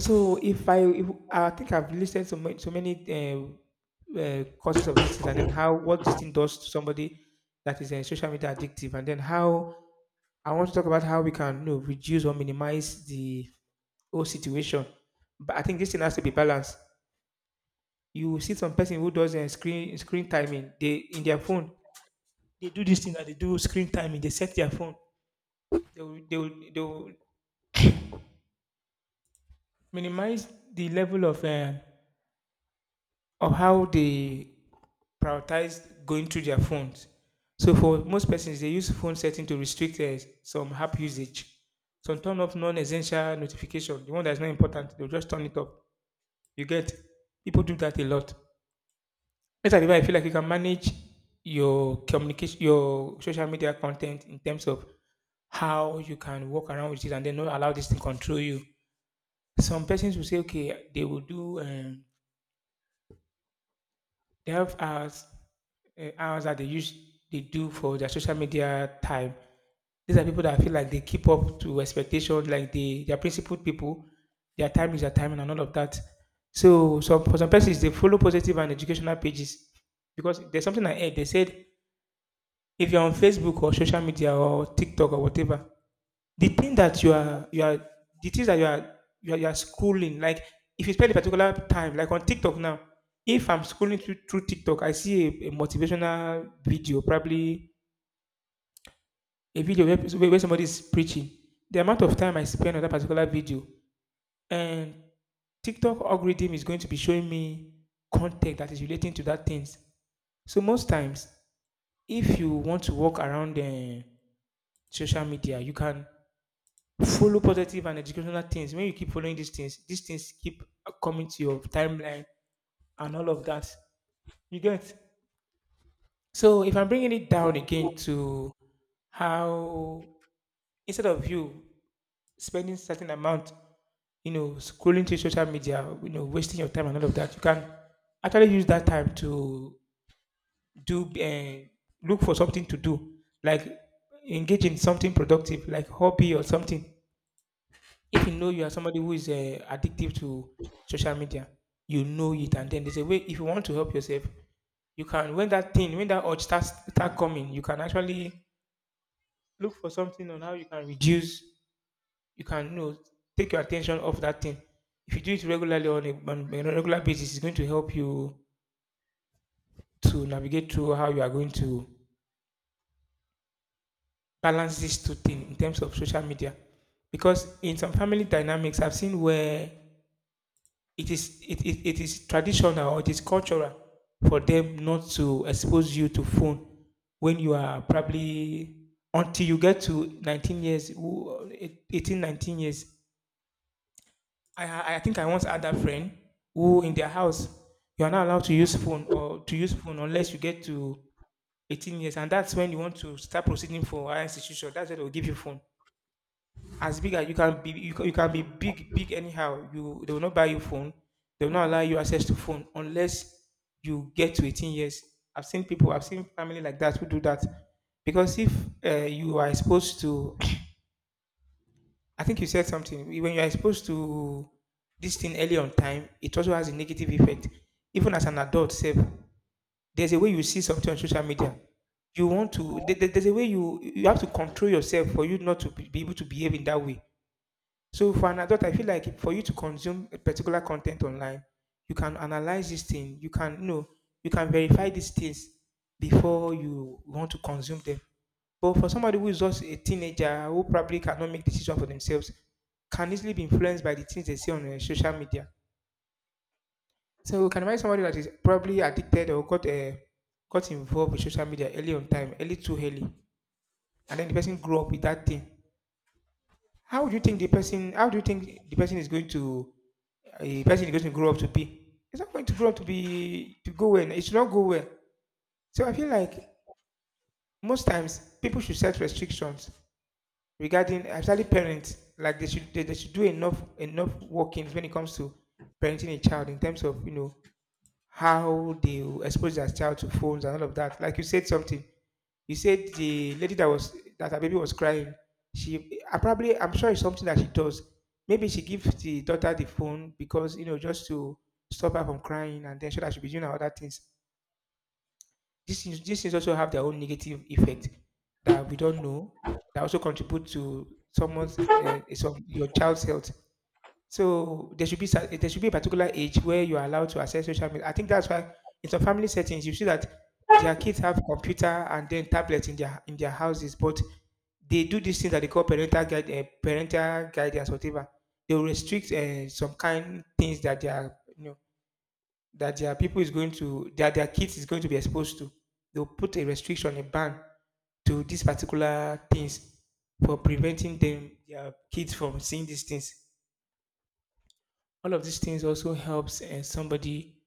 Speaker 1: So if I think I've listed so many causes of this thing, and then how what this thing does to somebody that is social media addictive, and then how I want to talk about how we can reduce or minimize the whole situation. But I think this thing has to be balanced. You see some person who does screen timing. They in their phone they do this thing that they do screen timing. They set their phone. They will minimize the level of how they prioritize going through their phones. So for most persons, they use phone setting to restrict some app usage. Some turn off non-essential notification. The one that's not important, they'll just turn it off. You get. People do that a lot. As a I feel like you can manage your communication, your social media content in terms of how you can walk around with it and then not allow this to control you. Some persons will say, okay, they will do 12 hours hours that they do for their social media time. These are people that I feel like they keep up to expectations, like they are principled people. Their time is their time and all of that. So for some persons, they follow positive and educational pages, because there's something I heard they said. If you're on Facebook or social media or TikTok or whatever, the thing that you are you are the things that you are, scrolling. Like, if you spend a particular time, like on TikTok now, if I'm scrolling through TikTok, I see a motivational video, probably a video where somebody is preaching. The amount of time I spend on that particular video, and TikTok algorithm is going to be showing me content that is relating to that things. So most times, if you want to walk around the social media, you can follow positive and educational things. When you keep following these things keep coming to your timeline and all of that. You get. So if I'm bringing it down again to how, instead of you spending certain amount, scrolling through social media, wasting your time and all of that, you can actually use that time to do and look for something to do, like engage in something productive, like hobby or something. If you know you are somebody who is addictive to social media, you know it, and then there's a way. If you want to help yourself, you can. When that urge start coming, you can actually look for something on how you can reduce. You can take your attention off that thing. If you do it regularly on a regular basis, it's going to help you to navigate through how you are going to balance these two things in terms of social media. Because in some family dynamics, I've seen where it is traditional, or it is cultural, for them not to expose you to phone when you are probably, until you get to 19 years, 18 19 years. I think I once had a friend who in their house you are not allowed to use phone unless you get to 18 years, and that's when you want to start proceeding for higher institution. That's when they'll give you phone. As big as you can be, you can be big big anyhow. You They will not buy you phone. They will not allow you access to phone unless you get to 18 years. I've seen family like that who do that. Because if you are exposed to I think you said something. When you are exposed to this thing early on time, it also has a negative effect, even as an adult self. There's a way you see something on social media. You want to there- there- — there's a way you have to control yourself for you not to be able to behave in that way. So for an adult, I feel like for you to consume a particular content online, you can analyze this thing. You can, verify these things before you want to consume them. But for somebody who is just a teenager, who probably cannot make decisions for themselves, can easily be influenced by the things they see on social media. So, can imagine somebody that is probably addicted or got involved with social media early on time, early too early, and then the person grew up with that thing. How do you think the person? How do you think the person is going to, grow up to be. It's not going to grow up to go well. It should not go well. So I feel like most times people should set restrictions, regarding especially parents. Like they should do enough workings when it comes to parenting a child in terms of, how they will expose their child to phones and all of that. Like you said something. He said the lady that her baby was crying, she I probably I'm sure it's something that she does. Maybe she gives the daughter the phone, because just to stop her from crying, and then so that she be doing her other things. This things these things also have their own negative effect that we don't know, that also contribute to someone's some your child's health. So there should be there should be a particular age where you are allowed to access social media. I think that's why in some family settings you see that their kids have computer and then tablets in their houses, but they do this thing that they call parental guidance, whatever. They will restrict some kind things that their kids is going to be exposed to. They'll put a restriction, a ban, to these particular things, for preventing them their kids from seeing these things. All of these things also helps somebody,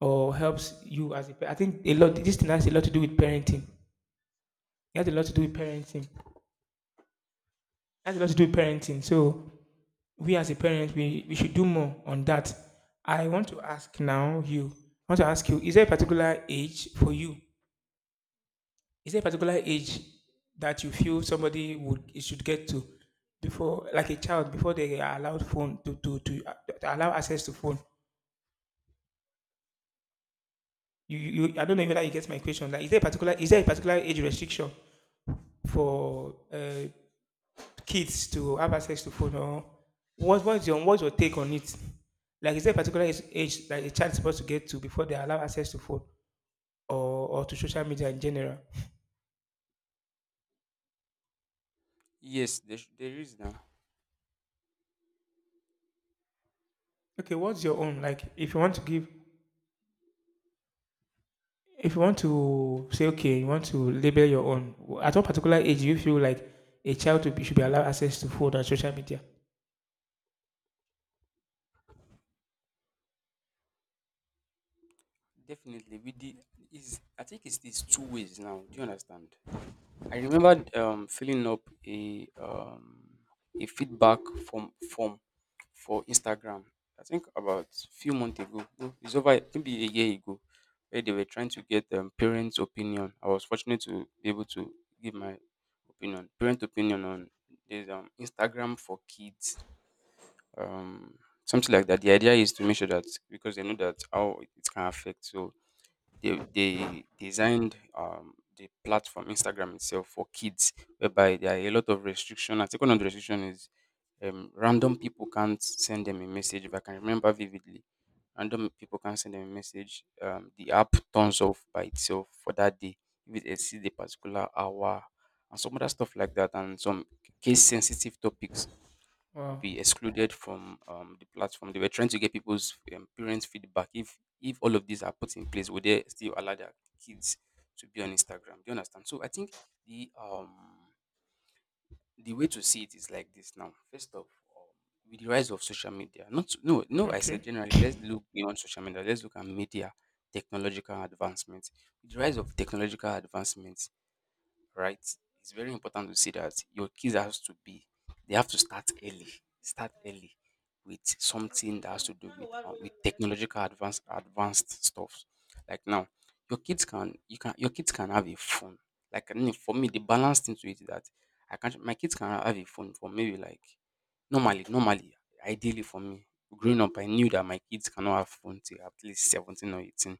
Speaker 1: or helps you as I think, a lot, this thing has a lot to do with parenting. It has a lot to do with parenting. It has a lot to do with parenting. So we as a parent, we should do more on that. I want to ask now you I want to ask you, is there a particular age for you? Is there a particular age that you feel somebody would should get to, before, like a child, before they are allowed phone to allow access to phone? You I don't know whether you get my question. Like, is there a particular age restriction for kids to have access to phone, or what's your take on it? Like, is there a particular age that a child is supposed to get to before they allow access to phone, or to social media in general?
Speaker 2: Yes, there is now.
Speaker 1: Okay, what's your own? Like, if you want to say, okay, you want to label your own. At what particular age do you feel like a child should be allowed access to phone and social media?
Speaker 2: Definitely, with the is I think it's two ways now. Do you understand? I remember
Speaker 1: Okay.
Speaker 2: filling up a feedback form for Instagram. I think about few months ago. No, it's over maybe a year ago, where they were trying to get parents' opinion. I was fortunate to be able to give my opinion, parent opinion on this, Instagram for kids, um, something like that. The idea is to make sure that because they know that how it can affect. So they designed the platform Instagram itself for kids, whereby there are a lot of restriction. I think one of the restriction is, random people can't send them a message. If I can remember vividly, random people can't send them a message. The app turns off by itself for that day if it exceeds a particular hour and some other stuff like that, and some case sensitive topics will
Speaker 1: Wow.
Speaker 2: be excluded from the platform. They were trying to get people's, parents' feedback. If all of these are put in place, would they still allow their kids to be on Instagram? Do you understand? So I think the um the way to see it is like this now. First off, um, with the rise of social media, not no no, I
Speaker 1: Okay.
Speaker 2: said generally, let's look beyond social media. Let's look at media technological advancements. With the rise of technological advancements, right? It's very important to see that your kids has to be they have to start early. Start early with something that has to do with technological advanced stuff. Like now, your kids can have a phone. Like I mean, for me, the balance thing to it is that I can't my kids can have a phone for maybe like normally, ideally for me growing up, I knew that my kids cannot have phone till at least 17 or 18.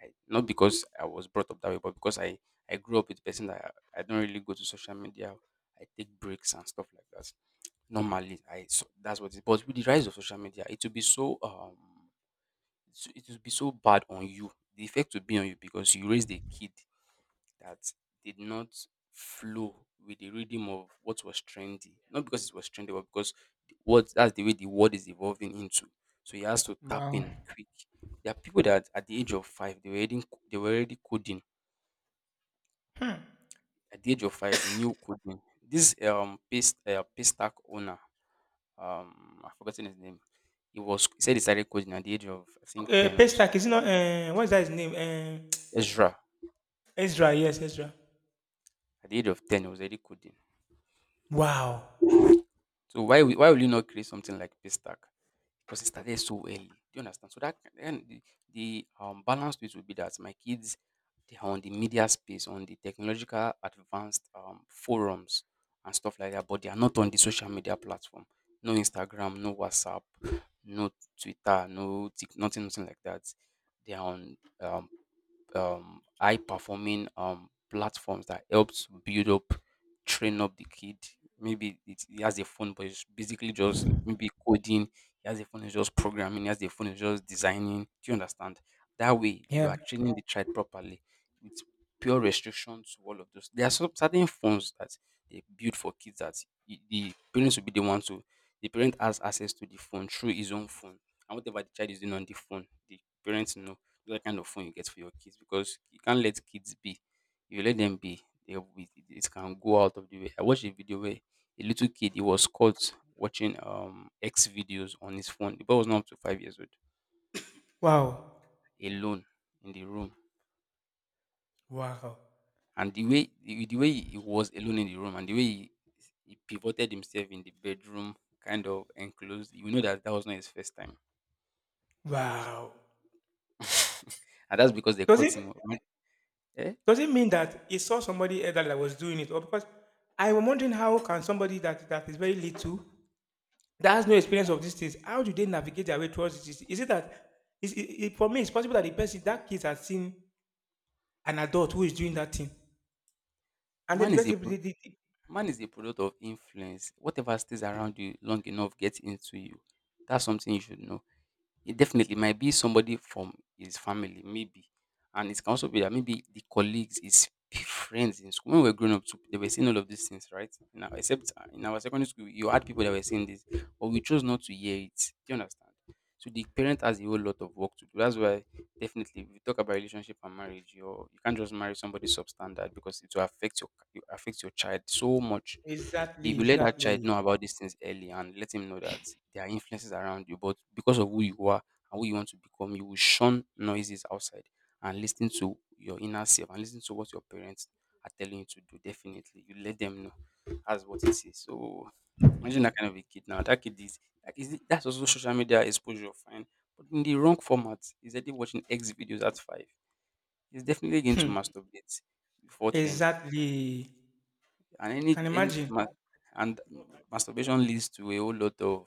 Speaker 2: I, not because I was brought up that way, but because I grew up with a person that I don't really go to social media. I take breaks and stuff like that. Normally, I, so that's what it. But with the rise of social media, it will be so so it will be so bad on you. The effect will be on you because you raised a kid that did not flow with the rhythm of what was trendy. Not because it was trendy, but because the- what that's the way the world is evolving into. So he has to tap
Speaker 1: Wow.
Speaker 2: in quick. There are people that at the age of five they were already coding. At the age of five, they knew coding. This paste paystack owner, I've forgotten his name. He said he started coding at the age of I think ten or so.
Speaker 1: Paystack, is it not? What is that his name?
Speaker 2: Ezra.
Speaker 1: Ezra, yes, Ezra.
Speaker 2: At the age of ten, he was already coding.
Speaker 1: Wow.
Speaker 2: So why will you not create something like Paystack? Because it started so early. Do you understand? So that the balance to it will be that my kids they are on the media space, on the technological advanced forums and stuff like that, but they are not on the social media platform. No Instagram, no WhatsApp, no Twitter, no Tik, nothing, nothing like that. They are on high performing platforms that helps build up, train up the kid. Maybe he has a phone, but it's basically just maybe coding. He has a phone, is just programming. He has a phone, is just designing. Do you understand? That way, you
Speaker 1: Yeah.
Speaker 2: are training the child properly with pure restrictions to all of those. There are some certain phones that they build for kids that the parents will be the ones to. The parent has access to the phone through his own phone, and whatever the child is doing on the phone, the parents know what kind of phone you get for your kids because you can't let kids be. If you let them be, they will be, it can go out of the way. I watched a video where a little kid he was caught watching X videos on his phone. The boy was not up to 5 years old,
Speaker 1: Wow.
Speaker 2: alone in the room,
Speaker 1: Wow.
Speaker 2: and the way the way he was alone in the room and the way he pivoted himself in the bedroom, kind of enclosed. You know that that was not his first time,
Speaker 1: Wow.
Speaker 2: and that's because they
Speaker 1: Does
Speaker 2: caught
Speaker 1: it
Speaker 2: him. Eh?
Speaker 1: does it mean that he saw somebody elder that was doing it? Or because I'm wondering, how can somebody that is very little, that has no experience of these things, how do they navigate their way towards this? Is it that, is for me it's possible that the person, that kid, has seen an adult who is doing that thing. And then
Speaker 2: Man
Speaker 1: the
Speaker 2: is a
Speaker 1: person
Speaker 2: pro-
Speaker 1: did it.
Speaker 2: Man is a product of influence. Whatever stays around you long enough gets into you. That's something you should know. It definitely might be somebody from his family, maybe. And it can also be that maybe the colleagues, his friends in school. When we were growing up, too, they were saying all of these things, right? Now, except in our secondary school, you had people that were saying this, but we chose not to hear it. Do you understand? So the parent has a whole lot of work to do. That's why. Definitely, if you talk about relationship and marriage, you can't just marry somebody substandard because it affects your child so much. If
Speaker 1: Exactly,
Speaker 2: you let that child
Speaker 1: exactly.
Speaker 2: know about these things early and let him know that there are influences around you, but because of who you are and who you want to become, you will shun noises outside and listen to your inner self and listen to what your parents are telling you to do. Definitely, you let them know. That's what it is. So imagine that kind of a kid now. That kid is like is it, that's also social media exposure. Fine, but in the wrong format, he's already watching X videos at 5. He's definitely going to masturbate before 10.
Speaker 1: Exactly.
Speaker 2: And any
Speaker 1: Can
Speaker 2: any
Speaker 1: imagine.
Speaker 2: ma- and masturbation leads to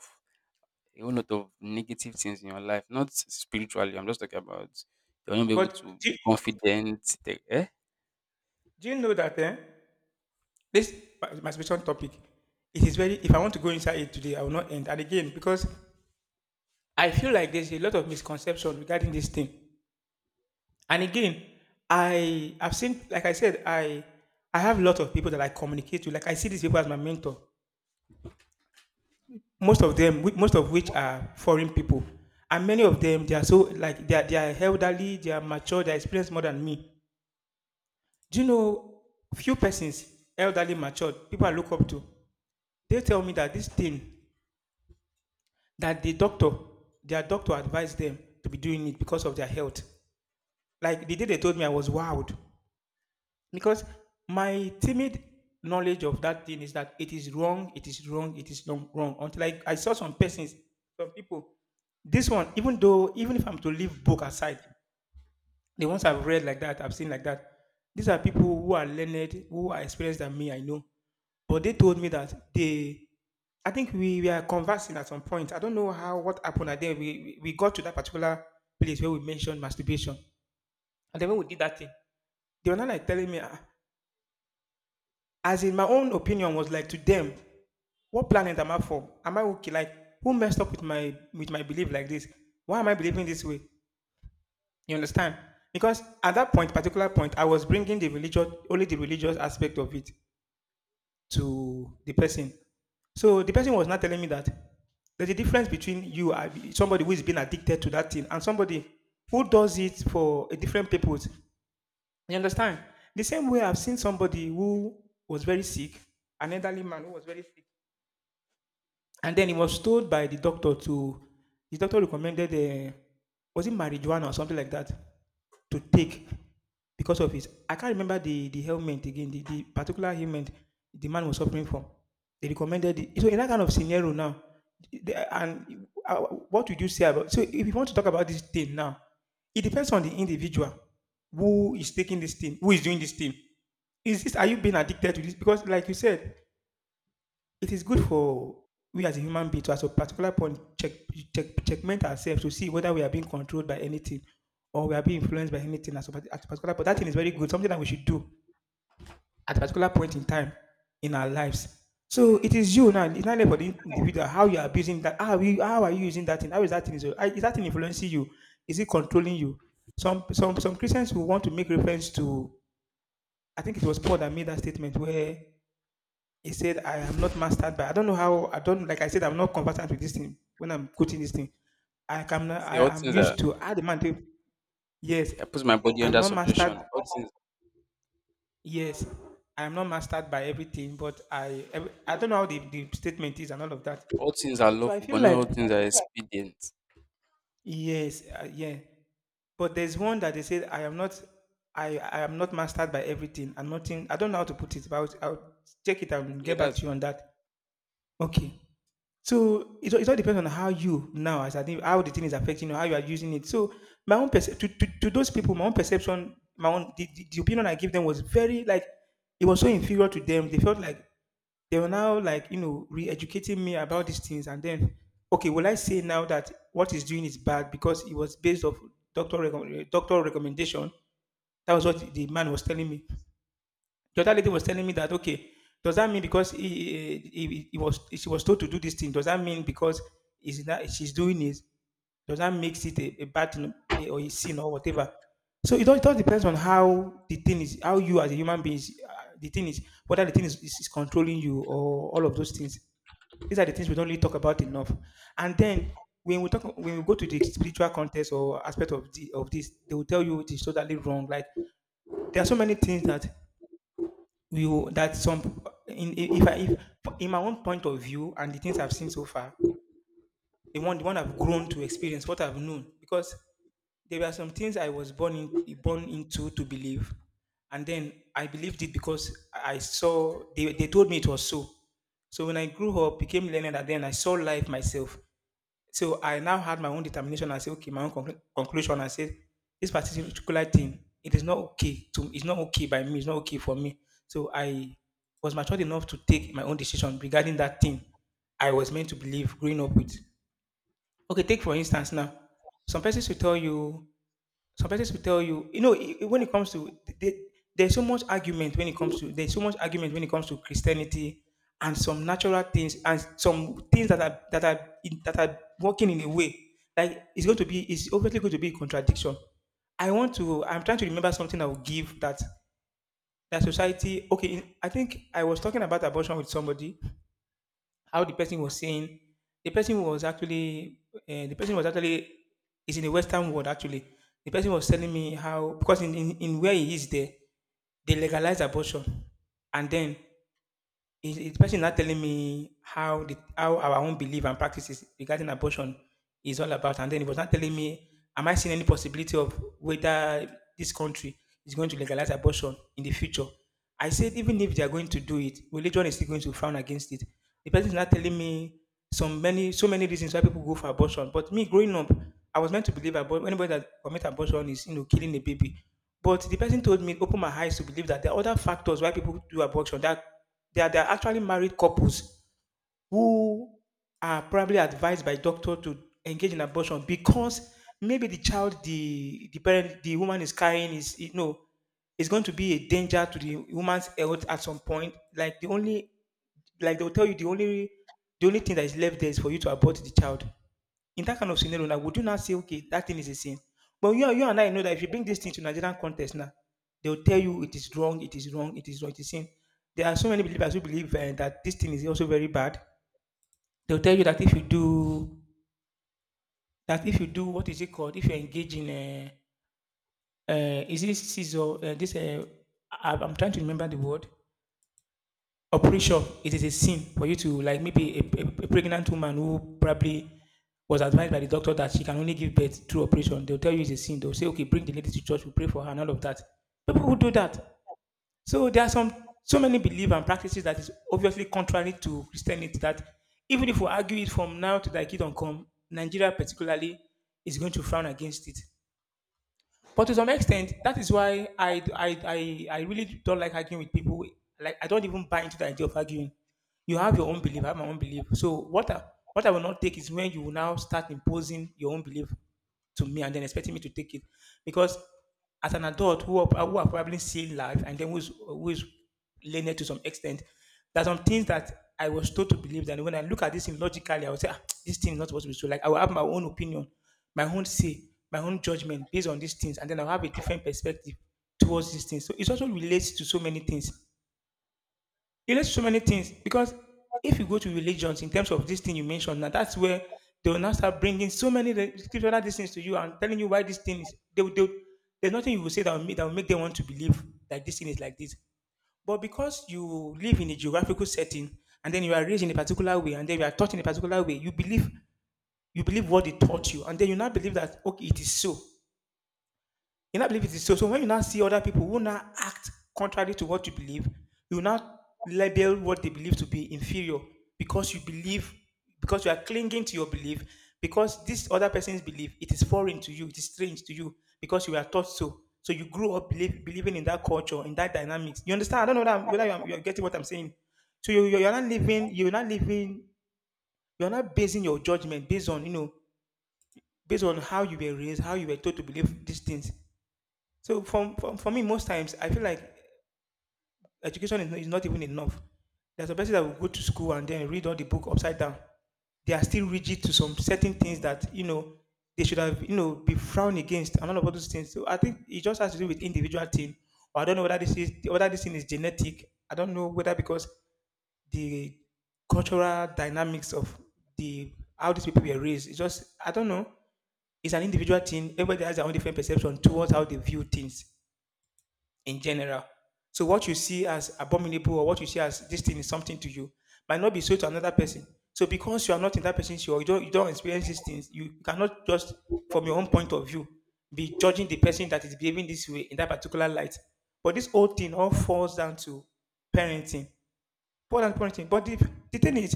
Speaker 2: a whole lot of negative things in your life. Not spiritually, I'm just talking about you're not be able to
Speaker 1: But
Speaker 2: be confident. Take, eh?
Speaker 1: do you know that this masturbation topic, it is very— if I want to go inside it today, I will not end. And again, because I feel like there's a lot of misconception regarding this thing. And again, I have seen, like I said, I have a lot of people that I communicate with. Like, I see these people as my mentor. Most of them, most of which are foreign people, and many of them, they are so like they are elderly, they are mature, they are experienced more than me. Do you know few persons, elderly matured people I look up to? They tell me that this thing, that the doctor, their doctor, advised them to be doing it because of their health. Like the day they told me, I was wowed, because my timid knowledge of that thing is that it is wrong, it is wrong, it is wrong, wrong. Until I saw some persons, some people. This one, even though, even if I'm to leave book aside, the ones I've read like that, I've seen like that, these are people who are learned, who are experienced than me, I know. But they told me that they— I think we were conversing at some point. I don't know how, what happened, and then we got to that particular place where we mentioned masturbation. And then when we did that thing, they were not like telling me, ah, as in, my own opinion was like, to them, what planet am I from? Am I okay? Like, who messed up with my, with my belief like this? Why am I believing this way? You understand? Because at that point, particular point, I was bringing the religious, only the religious aspect of it, to the person. So the person was not telling me that there's a difference between you, somebody who is being addicted to that thing, and somebody who does it for a different purpose. You understand? The same way I've seen somebody who was very sick, an elderly man who was very sick. And then he was told by the doctor to— the doctor recommended, was it marijuana or something like that, to take, because of his— I can't remember the ailment again, the particular ailment the man was suffering from. They recommended it. So in that kind of scenario now, and what would you say about, so if you want to talk about this thing now, it depends on the individual who is taking this thing, who is doing this thing. Is this, are you being addicted to this? Because like you said, it is good for we as a human being to, at a particular point, check, check, checkmate ourselves to see whether we are being controlled by anything or we are being influenced by anything at a, at a particular point. That thing is very good, something that we should do at a particular point in time in our lives. So it is you now. It's not about the individual, how you are abusing that. How are you using that thing? How is that thing? Is that thing influencing you? Is it controlling you? Some some Christians who want to make reference to. I think it was Paul that made that statement where he said, I am not mastered by— I don't know how, I don't— like I said, I'm not competent with this thing when I'm coaching this thing. I can,
Speaker 2: See, all
Speaker 1: I am
Speaker 2: things are,
Speaker 1: used to, I demand it. Yes.
Speaker 2: I put my body
Speaker 1: I'm
Speaker 2: under
Speaker 1: not mastered.
Speaker 2: subjection.
Speaker 1: Yes. I'm not mastered by everything, but I every— I don't know how the statement is and all of that.
Speaker 2: All things are
Speaker 1: So I
Speaker 2: lawful,
Speaker 1: feel
Speaker 2: but not
Speaker 1: like
Speaker 2: all things are expedient.
Speaker 1: yes, yeah. But there's one that they said, I am not— I am not mastered by everything and nothing, I don't know how to put it, but I'll check it out and
Speaker 2: Yeah,
Speaker 1: get back
Speaker 2: that's
Speaker 1: to you on that. Okay. So it, it all depends on how you now, as I think, how the thing is affecting you, how you are using it. So my own to, to those people, my own perception, my own, the opinion I give them was very like, it was so inferior to them. They felt like they were now like, you know, re-educating me about these things, and then, okay, will I say now that what he's doing is bad because it was based off doctor doctor recommendation? That was what the man was telling me. The other lady was telling me that, okay, does that mean because he was, she was told to do this thing? Does that mean because is that she's doing it? Does that makes it a bad thing, eh, or a sin or whatever? So it all depends on how the thing is, how you as a human being, is, the thing is, whether the thing is, is controlling you or all of those things. These are the things we don't really talk about enough. And then when we talk, when we go to the spiritual context or aspect of the of this, they will tell you it is totally wrong. Like there are so many things that you that some, in if I if in my own point of view and the things I've seen so far, the one I've grown to experience, what I've known, because there were some things I was born into to believe, and then I believed it because I saw, they told me it was so. So when I grew up, became learned, and then I saw life myself. So I now had my own determination and say, okay, my own conclusion. I said, this particular thing, it is not okay to, it's not okay by me, it's not okay for me. So I was matured enough to take my own decision regarding that thing I was meant to believe growing up with. Okay, take for instance now, some persons will tell you some persons will tell you, you know, when it comes to they, there's so much argument when it comes to Christianity and some natural things and some things that are, that are working in a way like it's going to be, it's obviously going to be a contradiction. I want to— I'm trying to remember something I will give that, that society, okay, I think I was talking about abortion with somebody, how the person was saying, the person was actually is in the western world, actually. The person was telling me how, because in where he is there, they legalize abortion, and then is the person not telling me how, the, how our own belief and practices regarding abortion is all about, and then he was not telling me, am I seeing any possibility of, whether this country is going to legalize abortion in the future? I said, even if they are going to do it, religion is still going to frown against it. The person is not telling me some many, so many reasons why people go for abortion. But me growing up, I was meant to believe about, anybody that commit abortion is, you know, killing a baby. But the person told me, open my eyes to believe that there are other factors why people do abortion. That there are actually married couples who are probably advised by doctor to engage in abortion, because maybe the child, the parent, the woman is carrying is, you know, is going to be a danger to the woman's health at some point. Like the only like they'll tell you the only, the only thing that is left there is for you to abort the child. In that kind of scenario now, would you not say, okay, that thing is a sin? But you and I know that if you bring this thing to Nigerian context now, they'll tell you it is wrong, it is wrong, it is wrong, it is sin. There are so many believers who believe that this thing is also very bad. They'll tell you that if you do that if you do— what is it called? If you engage in is it scissor? This I'm trying to remember the word. I'm pretty sure it is a sin for you to like maybe a pregnant woman who probably was advised by the doctor that she can only give birth through operation. They'll tell you it's a sin. They'll say, okay, bring the lady to church, we pray for her and all of that. People who do that. So there are some so many beliefs and practices that is obviously contrary to Christianity that even if we argue it from now to thy kingdom come, Nigeria particularly is going to frown against it. But to some extent, that is why I really don't like arguing with people. Like, I don't even buy into the idea of arguing. You have your own belief, I have my own belief. So, what I will not take is when you will now start imposing your own belief to me and then expecting me to take it because as an adult who are probably seeing life and then who's learned to some extent, there are some things that I was told to believe that when I look at this thing logically I would say, ah, this thing is not supposed to be so. Like I will have my own opinion, my own say, my own judgment based on these things, and then I'll have a different perspective towards these things. So it also relates to so many things. It led so many things because if you go to religions in terms of this thing you mentioned, now that's where they will now start bringing so many scriptural these things to you and telling you why these things. There's nothing you will say that will make them want to believe that this thing is like this. But because you live in a geographical setting and then you are raised in a particular way and then you are taught in a particular way, you believe, you believe what they taught you, and then you now believe that, okay, it is so. You now believe it is so. So when you now see other people who now act contrary to what you believe, you now label what they believe to be inferior because you believe, because you are clinging to your belief, because this other person's belief, it is foreign to you, it is strange to you, because you are taught so. So you grew up believing in that culture, in that dynamics. You understand? I don't know whether you are getting what I'm saying. So you're not living, you're not living, you're not basing your judgment based on, you know, based on how you were raised, how you were taught to believe these things. So from for me, most times I feel like education is not even enough. There's a person that will go to school and then read all the book upside down. They are still rigid to some certain things that, you know, they should have, you know, be frowned against and all of all those things. So I think it just has to do with individual thing. Or I don't know whether this is, whether this thing is genetic. I don't know whether because the cultural dynamics of the how these people were raised. It's just I don't know. It's an individual thing. Everybody has their own different perception towards how they view things in general. So what you see as abominable or what you see as this thing is something to you might not be so to another person. So because you are not in that person's shoe or you don't, you don't experience these things, you cannot just from your own point of view be judging the person that is behaving this way in that particular light. But this whole thing all falls down to parenting. Poor and point,ing But the thing is,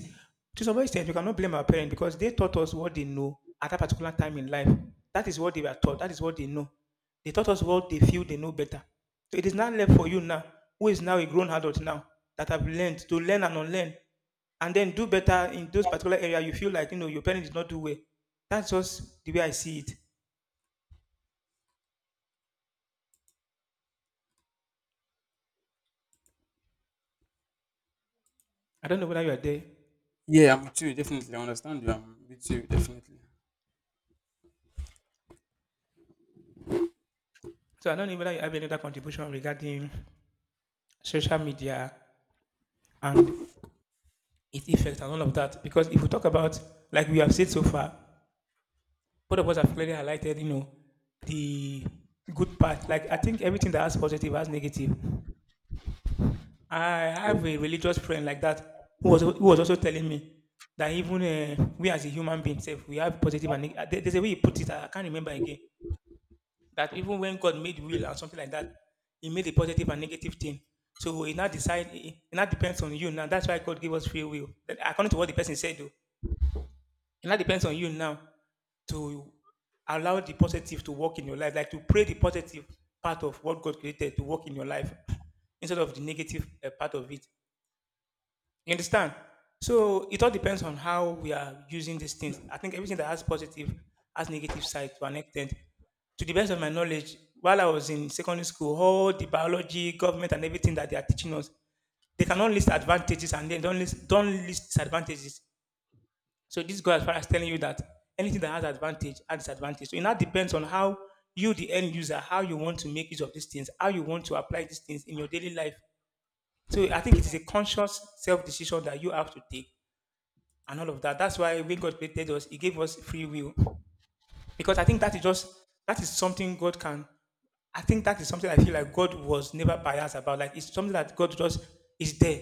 Speaker 1: to some extent, we cannot blame our parents because they taught us what they know at that particular time in life. That is what they were taught. That is what they know. They taught us what they feel they know better. So it is not left for you now, who is now a grown adult now, that have learned to learn and unlearn, and then do better in those particular area you feel like you know your parents did not do well. That's just the way I see it. I don't know whether you are there.
Speaker 2: yeah, I'm with you, definitely. I understand you. I'm with you, definitely.
Speaker 1: So I don't know whether you have any other contribution regarding social media and its effects and all of that. Because if we talk about, like we have said so far, both of us have clearly highlighted, you know, the good part. Like I think everything that has positive has negative. I
Speaker 2: Yeah.
Speaker 1: have a religious friend like that who was also telling me that even we as a human being, self, we have positive and there's a way he put it. I can't remember again. That even when God made will or something like that, He made a positive and negative thing. So it now depends on you. Now that's why God gave us free will. According to what the person said, though. And that depends on you now to allow the positive to work in your life, like to pray the positive part of what God created to work in your life instead of the negative part of it. You understand? So it all depends on how we are using these things. I think everything that has positive has negative side to an extent. To the best of my knowledge, while I was in secondary school, all the biology, government, and everything that they are teaching us, they cannot list advantages and then don't list disadvantages. So this goes as far as telling you that anything that has advantage has disadvantage. So it now depends on how you, the end user, how you want to make use of these things, how you want to apply these things in your daily life. So I think it is a conscious self-decision that you have to take and all of that. That's why when God created us, He gave us free will. Because I think that is just that is something God can, I think that is something I feel like God was never biased about. Like it's something that God just is there.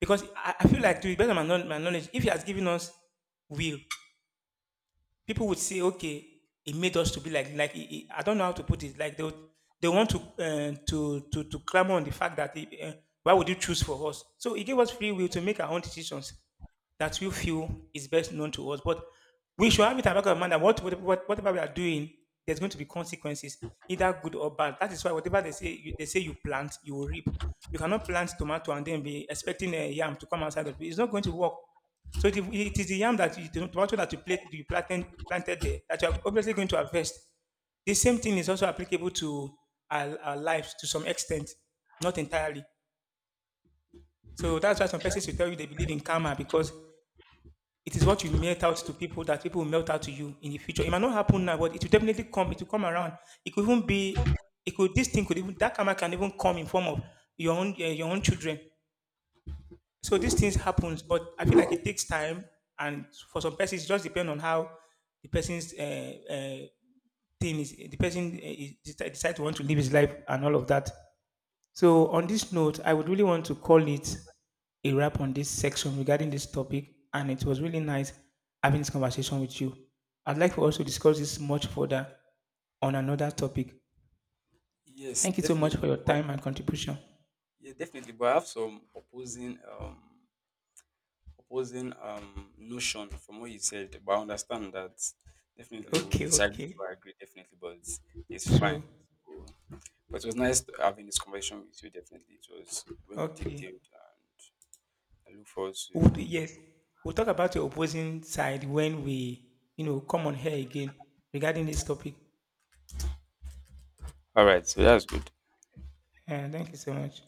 Speaker 1: Because I feel like to be better my knowledge, if He has given us will, people would say, okay, it made us to be like I don't know how to put it. Like they want to clamor on the fact that why would you choose for us? So it gave us free will to make our own decisions that we feel is best known to us. But we should have it at the back of our mind that whatever we are doing, there's going to be consequences, either good or bad. That is why whatever they say you plant, you will reap. You cannot plant tomato and then be expecting a yam to come outside of it. It's not going to work. So it is the yam that you, the tomato that you, you planted there that you are obviously going to harvest. The same thing is also applicable to our lives to some extent, not entirely. So that's why some persons will tell you they believe in karma because it is what you melt out to people that people will melt out to you in the future. It might not happen now, but it will definitely come. It will come around. It could even be. It could. This thing could even that karma can even come in form of your own your own children. So these things happens, but I feel like it takes time. And for some persons it just depends on how the person's uh, thing is the person decide to want to live his life and all of that. So on this note I would really want to call it a wrap on this section regarding this topic, and it was really nice having this conversation with you. I'd like for us to discuss this much further on another topic.
Speaker 2: Yes,
Speaker 1: Thank you so much for
Speaker 2: definitely.
Speaker 1: your time and contribution.
Speaker 2: Yeah, definitely. But I have some opposing notion from what you said. But I understand that definitely we'll
Speaker 1: Okay,
Speaker 2: disagree
Speaker 1: okay.
Speaker 2: to agree, definitely, but it's
Speaker 1: True.
Speaker 2: fine. So, but it was nice to having this conversation with you, definitely. It was well
Speaker 1: Okay.
Speaker 2: detailed and I look forward to.
Speaker 1: We would, yes, we'll talk about your opposing side when we, you know, come on here again regarding this topic.
Speaker 2: All right, so that's good.
Speaker 1: And thank you so much.